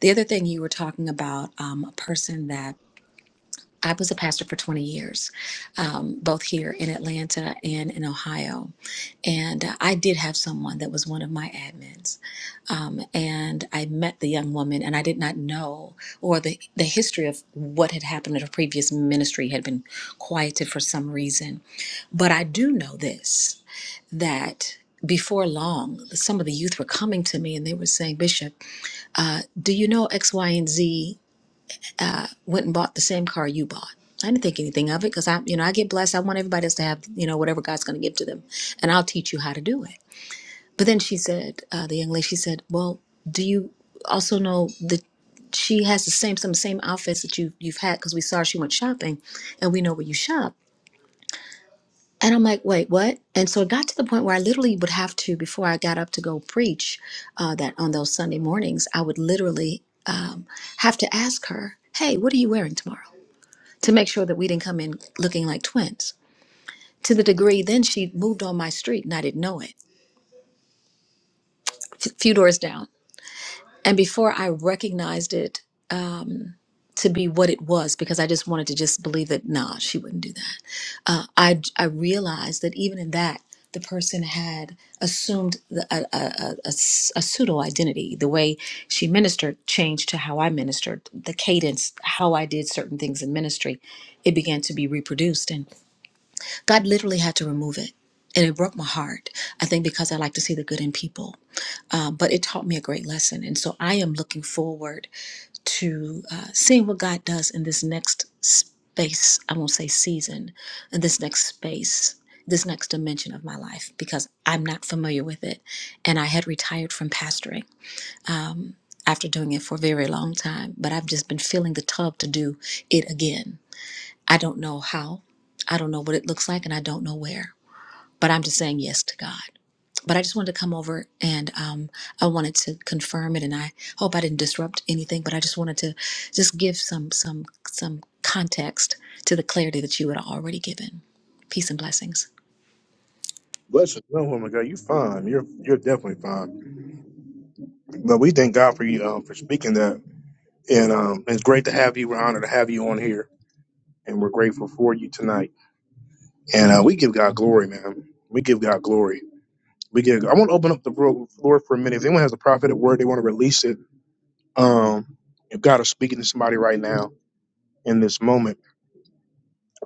S14: The other thing you were talking about, um, a person that I was a pastor for 20 years, um, both here in Atlanta and in Ohio. And uh, I did have someone that was one of my admins. Um, and I met the young woman, and I did not know or the, the history of what had happened at her previous ministry had been quieted for some reason. But I do know this that before long, some of the youth were coming to me and they were saying, Bishop, do you know X, Y, and Z? went and bought the same car you bought. I didn't think anything of it because I, you know, I get blessed. I want everybody else to have, you know, whatever God's going to give to them, and I'll teach you how to do it. But then she said, uh, the young lady, she said, "Well, do you also know that she has the same some same outfits that you you've had because we saw she went shopping, and we know where you shop." And I'm like, "Wait, what?" And so it got to the point where I literally would have to, before I got up to go preach, uh, that on those Sunday mornings, I would literally have to ask her, "Hey, what are you wearing tomorrow?" to make sure that we didn't come in looking like twins. To the degree then she moved on my street and I didn't know it, a few doors down. And before I recognized it to be what it was, because I just wanted to just believe that, nah, she wouldn't do that. I, I realized that even in that, the person had assumed the, a, a, a- a s- a pseudo identity. The way she ministered changed to how I ministered. The cadence, how I did certain things in ministry, it began to be reproduced. God literally had to remove it. And it broke my heart, I think, because I like to see the good in people. Uh, but it taught me a great lesson. And so I am looking forward to uh, seeing what God does in this next space. I won't say season, in this next space, this next dimension of my life, because I'm not familiar with it. And I had retired from pastoring after doing it for a very long time, but I've just been feeling the tug to do it again. I don't know how, I don't know what it looks like, and I don't know where but I'm just saying yes to God. But I just wanted to come over and um, I wanted to confirm it, and I hope I didn't disrupt anything. But I just wanted to just give some some some context to the clarity that you had already given. Peace and blessings.
S1: Bless you. No, woman, God, you fine. You're you're definitely fine. But we thank God for you um, for speaking that, and um, it's great to have you. We're honored to have you on here. and we're grateful for you tonight. And uh, we give God glory, man. We give God glory. We give. I want to open up the flo- floor for a minute. If anyone has a prophetic word, they want to release it. Um, if God is speaking to somebody right now in this moment,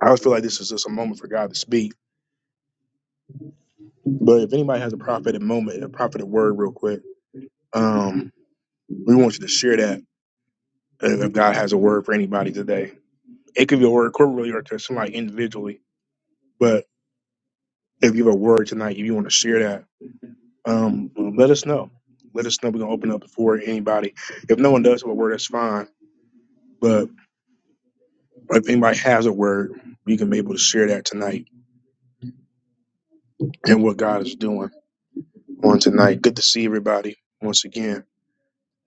S1: I always feel like this is just a moment for God to speak. But if anybody has a prophetic moment, a prophetic word, real quick, um, we want you to share that. uh, If God has a word for anybody today, it could be a word corporately or to somebody individually. But if you have a word tonight, if you want to share that, Um, let us know. Let us know. We're gonna open up for anybody. If no one does have a word, that's fine. But if anybody has a word, you can be able to share that tonight and what God is doing on tonight. Good to see everybody once again.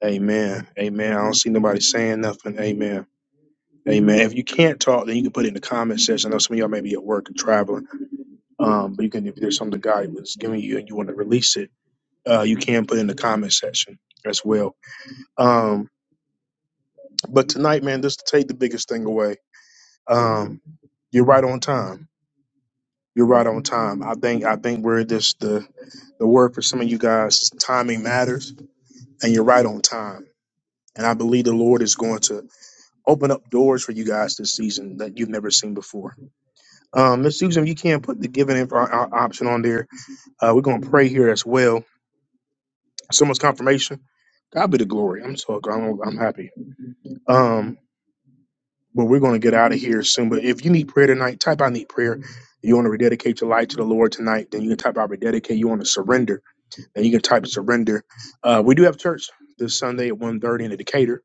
S1: Amen. Amen. I don't see nobody saying nothing. Amen. Amen. If you can't talk, then you can put it in the comment section. I know some of y'all may be at work and traveling. Um, but you can if there's something God was giving you and you want to release it, uh, you can put it in the comment section as well. Um, but tonight, man, just to take the biggest thing away. Um, you're right on time. You're right on time. I think I think we're just the the word for some of you guys. is Timing matters, and you're right on time. And I believe the Lord is going to open up doors for you guys this season that you've never seen before. Um, Miss Susan, if you can't put the giving in for our, our option on there. Uh, we're going to pray here as well. Someone's confirmation. God be the glory. I'm so I'm, I'm happy. Um, but we're going to get out of here soon. But if you need prayer tonight, type I need prayer. You want to rededicate your life to the Lord tonight, then you can type out rededicate. You want to surrender, then you can type surrender. Uh, we do have church this Sunday at 1.30 in Decatur.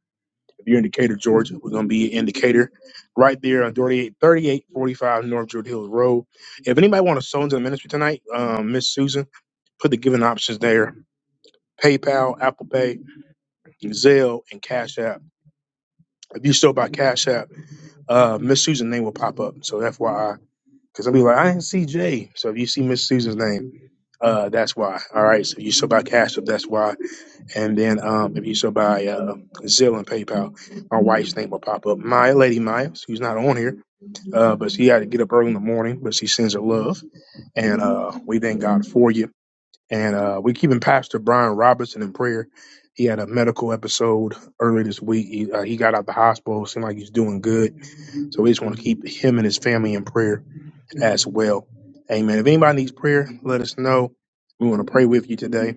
S1: If you're in Decatur, Georgia, we're going to be in Decatur right there on 3845 North Druid Hills Road. If anybody want to sow into the ministry tonight, um, Miss Susan, put the giving options there. PayPal, Apple Pay, Zelle, and Cash App. If you sow by Cash App, uh, Miss Susan's name will pop up. So FYI Because I'll be like, I didn't see Jay. So if you see Miss Susan's name, uh, that's why. All right. So if you so by Cash App, that's why. And then um, if you so by uh, Zelle and PayPal, my wife's name will pop up. Maya, Lady Maya, who's not on here, uh, but she had to get up early in the morning, but she sends her love. And uh, we thank God for you. And uh, we keeping Pastor Brian Robertson in prayer. He had a medical episode earlier this week. He, uh, he got out the hospital. Seemed like he's doing good. So we just want to keep him and his family in prayer as well. Amen. If anybody needs prayer, let us know. We want to pray with you today.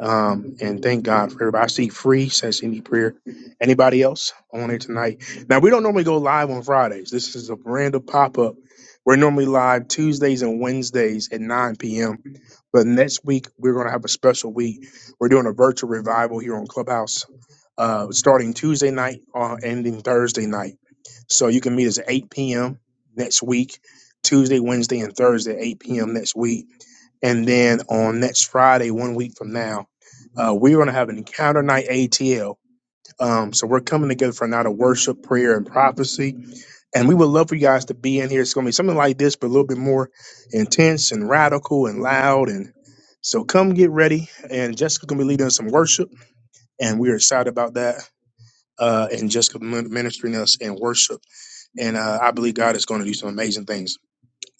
S1: Um, and thank God for everybody. I see free says any prayer. Anybody else on here tonight? Now we don't normally go live on Fridays. This is a random pop-up. We're normally live Tuesdays and Wednesdays at 9 p.m. But next week we're gonna have a special week. We're doing a virtual revival here on Clubhouse, uh, starting Tuesday night, uh, ending Thursday night. So you can meet us at 8 p.m. next week, Tuesday, Wednesday, and Thursday, at 8 p.m. next week. And then on next Friday, one week from now, uh, we're going to have an encounter night ATL. Um, so we're coming together for a night of worship, prayer, and prophecy. And we would love for you guys to be in here. It's going to be something like this, but a little bit more intense and radical and loud. And so come get ready. And Jessica's going to be leading us some worship. And we're excited about that. Uh, and Jessica min- ministering us in worship. And uh, I believe God is going to do some amazing things.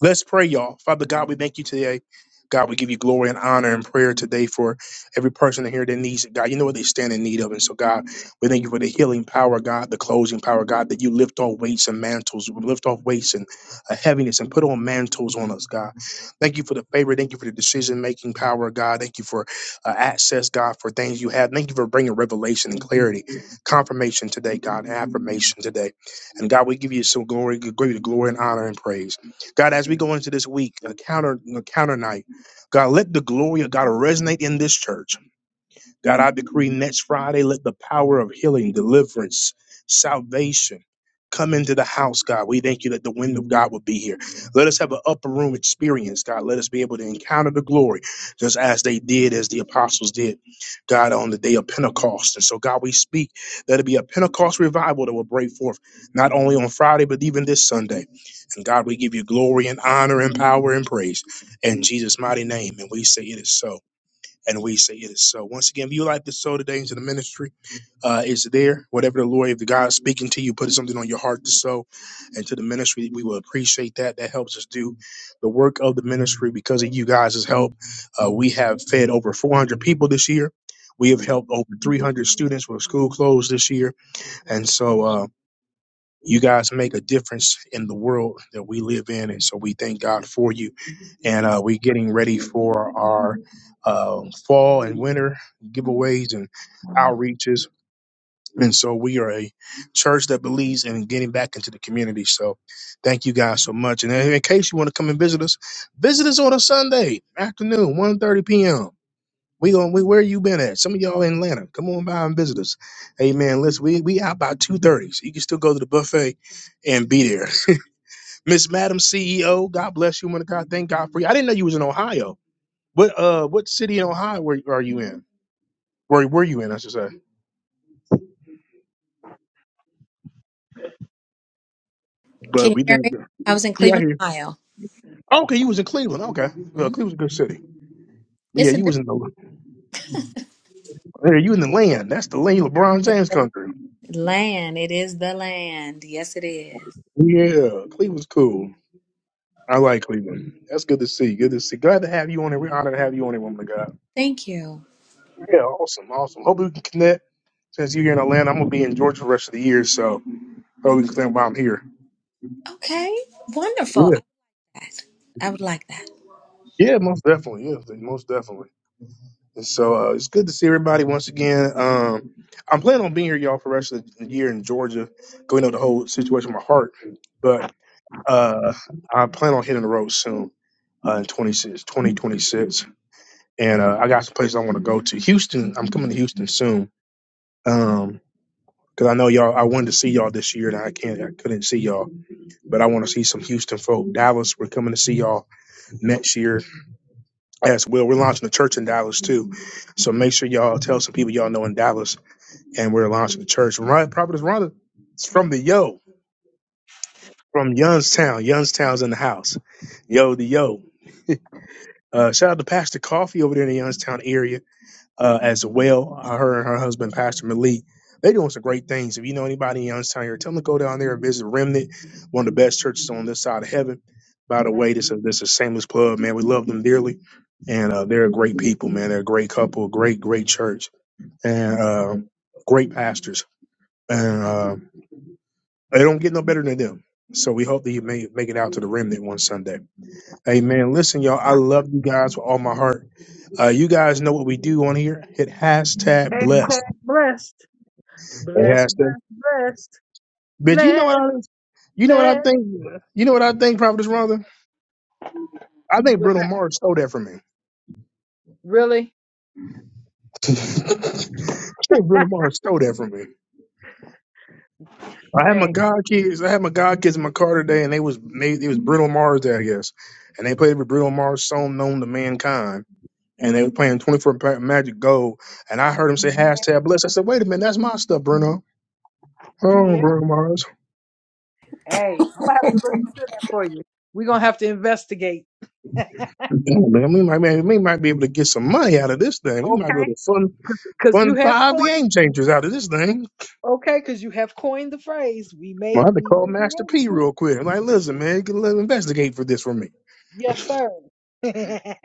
S1: Let's pray, y'all. Father God, we thank you today. God, we give you glory and honor and prayer today for every person in here that needs it. God, you know what they stand in need of. And so, God, we thank you for the healing power, God, the closing power, God, that you lift off weights and mantles, lift off weights and uh, heaviness and put on mantles on us, God. Thank you for the favor. Thank you for the decision making power, God. Thank you for uh, access, God, for things you have. Thank you for bringing revelation and clarity, confirmation today, God, and affirmation today. And God, we give you some glory, give you the glory and honor and praise. God, as we go into this week, a counter, a counter night, God, let the glory of God resonate in this church. God, I decree next Friday, let the power of healing, deliverance, salvation come into the house, God. We thank you that the wind of God will be here. Let us have an upper room experience, God. Let us be able to encounter the glory just as they did, as the apostles did, God, on the day of Pentecost. And so, God, we speak that it be a Pentecost revival that will break forth not only on Friday, but even this Sunday. And God, we give you glory and honor and power and praise in Jesus' mighty name. And we say it is so and we say it is so. Once again, if you like to sow today into the ministry, uh, it's there. Whatever the Lord, if the God is speaking to you, put something on your heart to sow into the ministry, we will appreciate that. That helps us do the work of the ministry because of you guys' help. Uh, we have fed over 400 people this year. We have helped over 300 students with school closed this year. And so, uh, you guys make a difference in the world that we live in, and so we thank God for you. And uh, we're getting ready for our uh, fall and winter giveaways and outreaches. And so we are a church that believes in getting back into the community. So thank you guys so much. And uh, in case you want to come and visit us, visit us on a Sunday afternoon, one thirty p.m. We going we where you been at? Some of y'all in Atlanta. Come on by and visit us. Hey man, listen, we we out by two thirty. So you can still go to the buffet and be there. Miss Madam CEO, God bless you, man. of God, thank God for you. I didn't know you was in Ohio. What uh what city in Ohio were, are you in? Where were you in, I should say. But
S14: Can you
S1: we
S14: hear
S1: think
S14: me? I was in
S1: Yeah, I
S14: Cleveland,
S1: hear you.
S14: Ohio.
S1: Okay, you was in Cleveland. Okay. Well,
S14: Hmm?
S1: Cleveland's a good city. But yeah,
S14: It's a
S1: you was
S14: different
S1: in the yeah, you in the land. That's the land LeBron
S14: it's
S1: James
S14: the
S1: country.
S14: land. It is the land. Yes, it is.
S1: Yeah, Cleveland's cool. I like Cleveland. That's good to see. Good to see. Glad to have you on it. We're honored to have you on it, woman of God.
S14: Thank you.
S1: Yeah, awesome, awesome. Hopefully we can connect. Since you're here in Atlanta, I'm gonna be in Georgia the rest of the year, so hopefully we can connect while I'm here.
S14: Okay, wonderful.
S1: Yeah,
S14: I like that. I would like that.
S1: yeah, most definitely. Yeah, most definitely. And so uh, it's good to see everybody once again. Um, I'm planning on being here, y'all, for the rest of the year in Georgia, going over the whole situation with my heart. But uh, I plan on hitting the road soon uh, in 26, 2026. and uh, I got some places I want to go to. Houston, I'm coming to Houston soon. Um, cause I know y'all. I wanted to see y'all this year, and I can't. I couldn't see y'all, but I want to see some Houston folk. Dallas, we're coming to see y'all next year as well. We're launching a church in Dallas too, so make sure y'all tell some people y'all know in Dallas, and we're launching a church. Right, Providence Rhonda, it's from the Yo, from Youngstown. Youngstown's in the house. Yo, the Yo. Uh, shout out to Pastor Coffee over there in the Youngstown area uh, as well. Her and her husband, Pastor Malik, they're doing some great things. If you know anybody in Youngstown here, tell them to go down there and visit Remnant, one of the best churches on this side of heaven. By the
S4: Amen.
S1: way, this is this is Shameless plug, man. We love them dearly, and uh, they're a great people, man. They're a great couple, great great church, and uh, great pastors, and uh, they don't get no better than them. So we hope that you may make it out to the remnant one Sunday. Amen. Listen, y'all, I love you guys with all my heart. Uh, you guys know what we do on here. Hit hashtag blessed.
S4: Hashtag Blessed,
S1: It
S4: blessed,
S1: has to.
S4: blessed,
S1: But you know
S4: blessed,
S1: what I you know what I
S4: blessed.
S1: think you know what I think, Prophet Rhonda? I think
S4: What's
S1: Bruno
S4: that?
S1: Mars stole that from me.
S4: Really?
S1: I think Bruno Mars stole that from me. I had my
S4: hey,
S1: God kids I had my God kids in my car today and they was made it was Bruno Mars there, I guess. And they played with Bruno Mars song known to mankind. And they were playing 24 Magic Gold. And I heard him say hashtag blessed. I said, wait a minute, that's my stuff, Bruno. Oh,
S4: yeah.
S1: Bruno Mars.
S4: Hey, I'm gonna have to look into that for you. We're gonna have to investigate.
S1: Damn, man, we might, man, we might be able to get some money out of this thing. We might be
S4: Okay.
S1: able to fund
S4: because you
S1: Won
S4: have
S1: five
S4: coined
S1: game changers out of this thing.
S4: okay because you have coined the phrase we
S1: Well,
S4: may
S1: I had to
S4: we
S1: call
S4: may be
S1: Master
S4: able
S1: P
S4: to
S1: real quick. I'm like, listen, man, you can let- investigate for this for me.
S4: yes sir yeah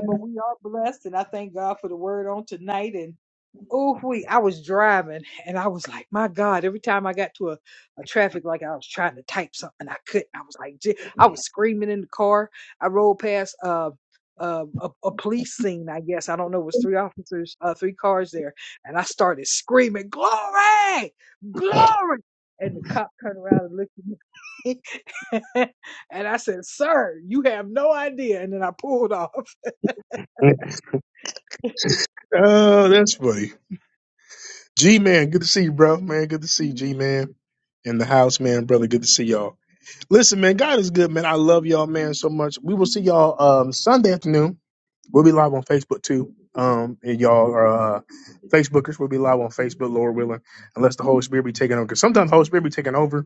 S4: but we are blessed and i thank god for the word on tonight Oh, we, I was driving and I was like, my God, every time I got to a, a traffic light, I was trying to type something. I couldn't. I was like, "Je-" I was screaming in the car. I rolled past uh, uh, a, a police scene, I guess. I don't know. It was three officers, uh, three cars there. And I started screaming, glory, glory. And the cop turned around and looked at me. and I said, sir, you have no idea. And then I pulled off.
S1: Oh, that's funny. G man, good to see you, bro. Man, good to see you, G man. In the house, man, brother, good to see y'all. Listen, man, God is good, man. I love y'all, man, so much. We will see y'all um Sunday afternoon. We'll be live on Facebook too. Um, and y'all are uh, Facebookers. We'll be live on Facebook, Lord willing, unless the Holy Spirit be taking over. Because sometimes the Holy Spirit be taking over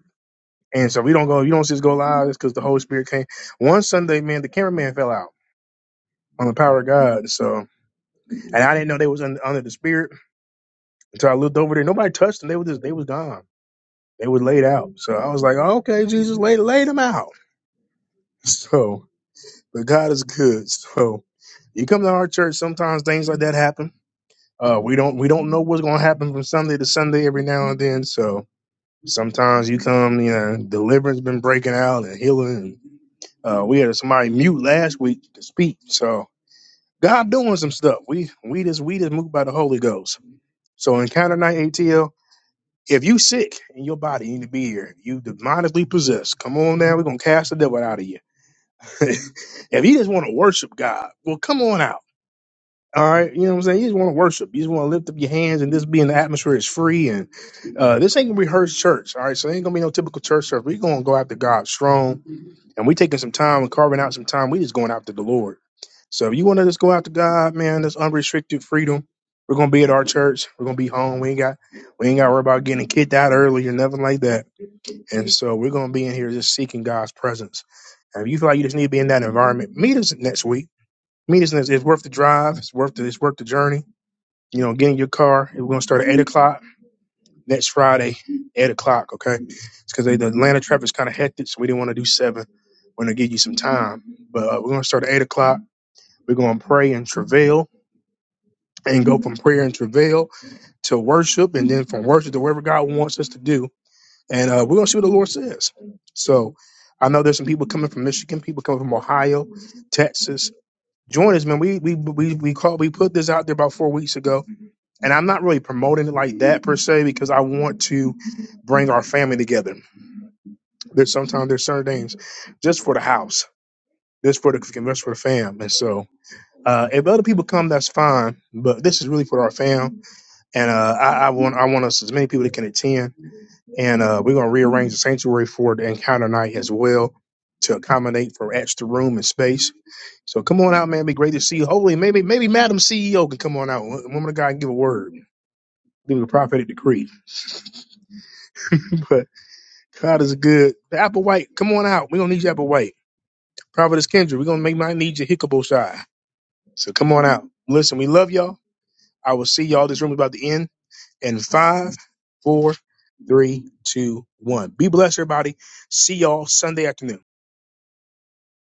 S1: And so we don't go, you don't see us go live just because the Holy Spirit came. One Sunday, man, the cameraman fell out on the power of God. So, and I didn't know they was un- under the Spirit until I looked over there. Nobody touched them. They were just, they was gone. They were laid out. So I was like, oh, okay, Jesus laid, laid them out. So, but God is good. So you come to our church, sometimes things like that happen. Uh, we don't, we don't know what's going to happen from Sunday to Sunday every now and then. So, Sometimes you come, you know, deliverance been breaking out and healing. uh, we had somebody mute last week to speak. So God doing some stuff. We we just we just moved by the Holy Ghost. So encounter night ATL. If you sick in your body, you need to be here. You demonically possessed. Come on now, we're gonna cast the devil out of you. if you just want to worship God, well, come on out. All right, you know what I'm saying? You just want to worship. You just want to lift up your hands and this being the atmosphere is free and uh this ain't gonna be rehearsed church. All right, so ain't gonna be no typical church service. We're gonna go after God strong and we taking some time and carving out some time. We just going after the Lord. So if you wanna just go after God, man, that's unrestricted freedom. We're gonna be at our church. We're gonna be home. We ain't got we ain't gotta worry about getting kicked out early or nothing like that. And so we're gonna be in here just seeking God's presence. And if you feel like you just need to be in that environment, meet us next week. Meet us next. It's worth the drive. It's worth the, it's worth the journey you know, get in your car. We're gonna start at eight o'clock next Friday, eight o'clock. Okay, it's because the Atlanta traffic's kind of hectic, so we didn't want to do seven. We're gonna give you some time, but uh, we're gonna start at eight o'clock. We're gonna pray and travail, and go from prayer and travail to worship, and then from worship to wherever God wants us to do. And uh, we're gonna see what the Lord says. So, I know there's some people coming from Michigan, people coming from Ohio, Texas. Join us, man. We we we we called. We put this out there about four weeks ago and I'm not really promoting it like that per se because I want to bring our family together. There's sometimes there's certain things just for the house, just for the just for the fam, and so uh, if other people come, that's fine. But this is really for our fam, and uh, I, I want I want us as many people that can attend, and uh, we're gonna rearrange the sanctuary for the encounter night as well to accommodate for extra room and space. So come on out, man. It'd be great to see you. Hopefully, maybe maybe Madam CEO can come on out. Woman of God can give a word, give a prophetic decree. but. God is good. Applewhite, come on out. We're gonna need you, Applewhite. Providence Kendra, we're gonna make my need you hickable shy. So come on out. Listen, we love y'all. I will see y'all. This room is about to end in five, four, three, two, one. Be blessed, everybody. See y'all Sunday afternoon.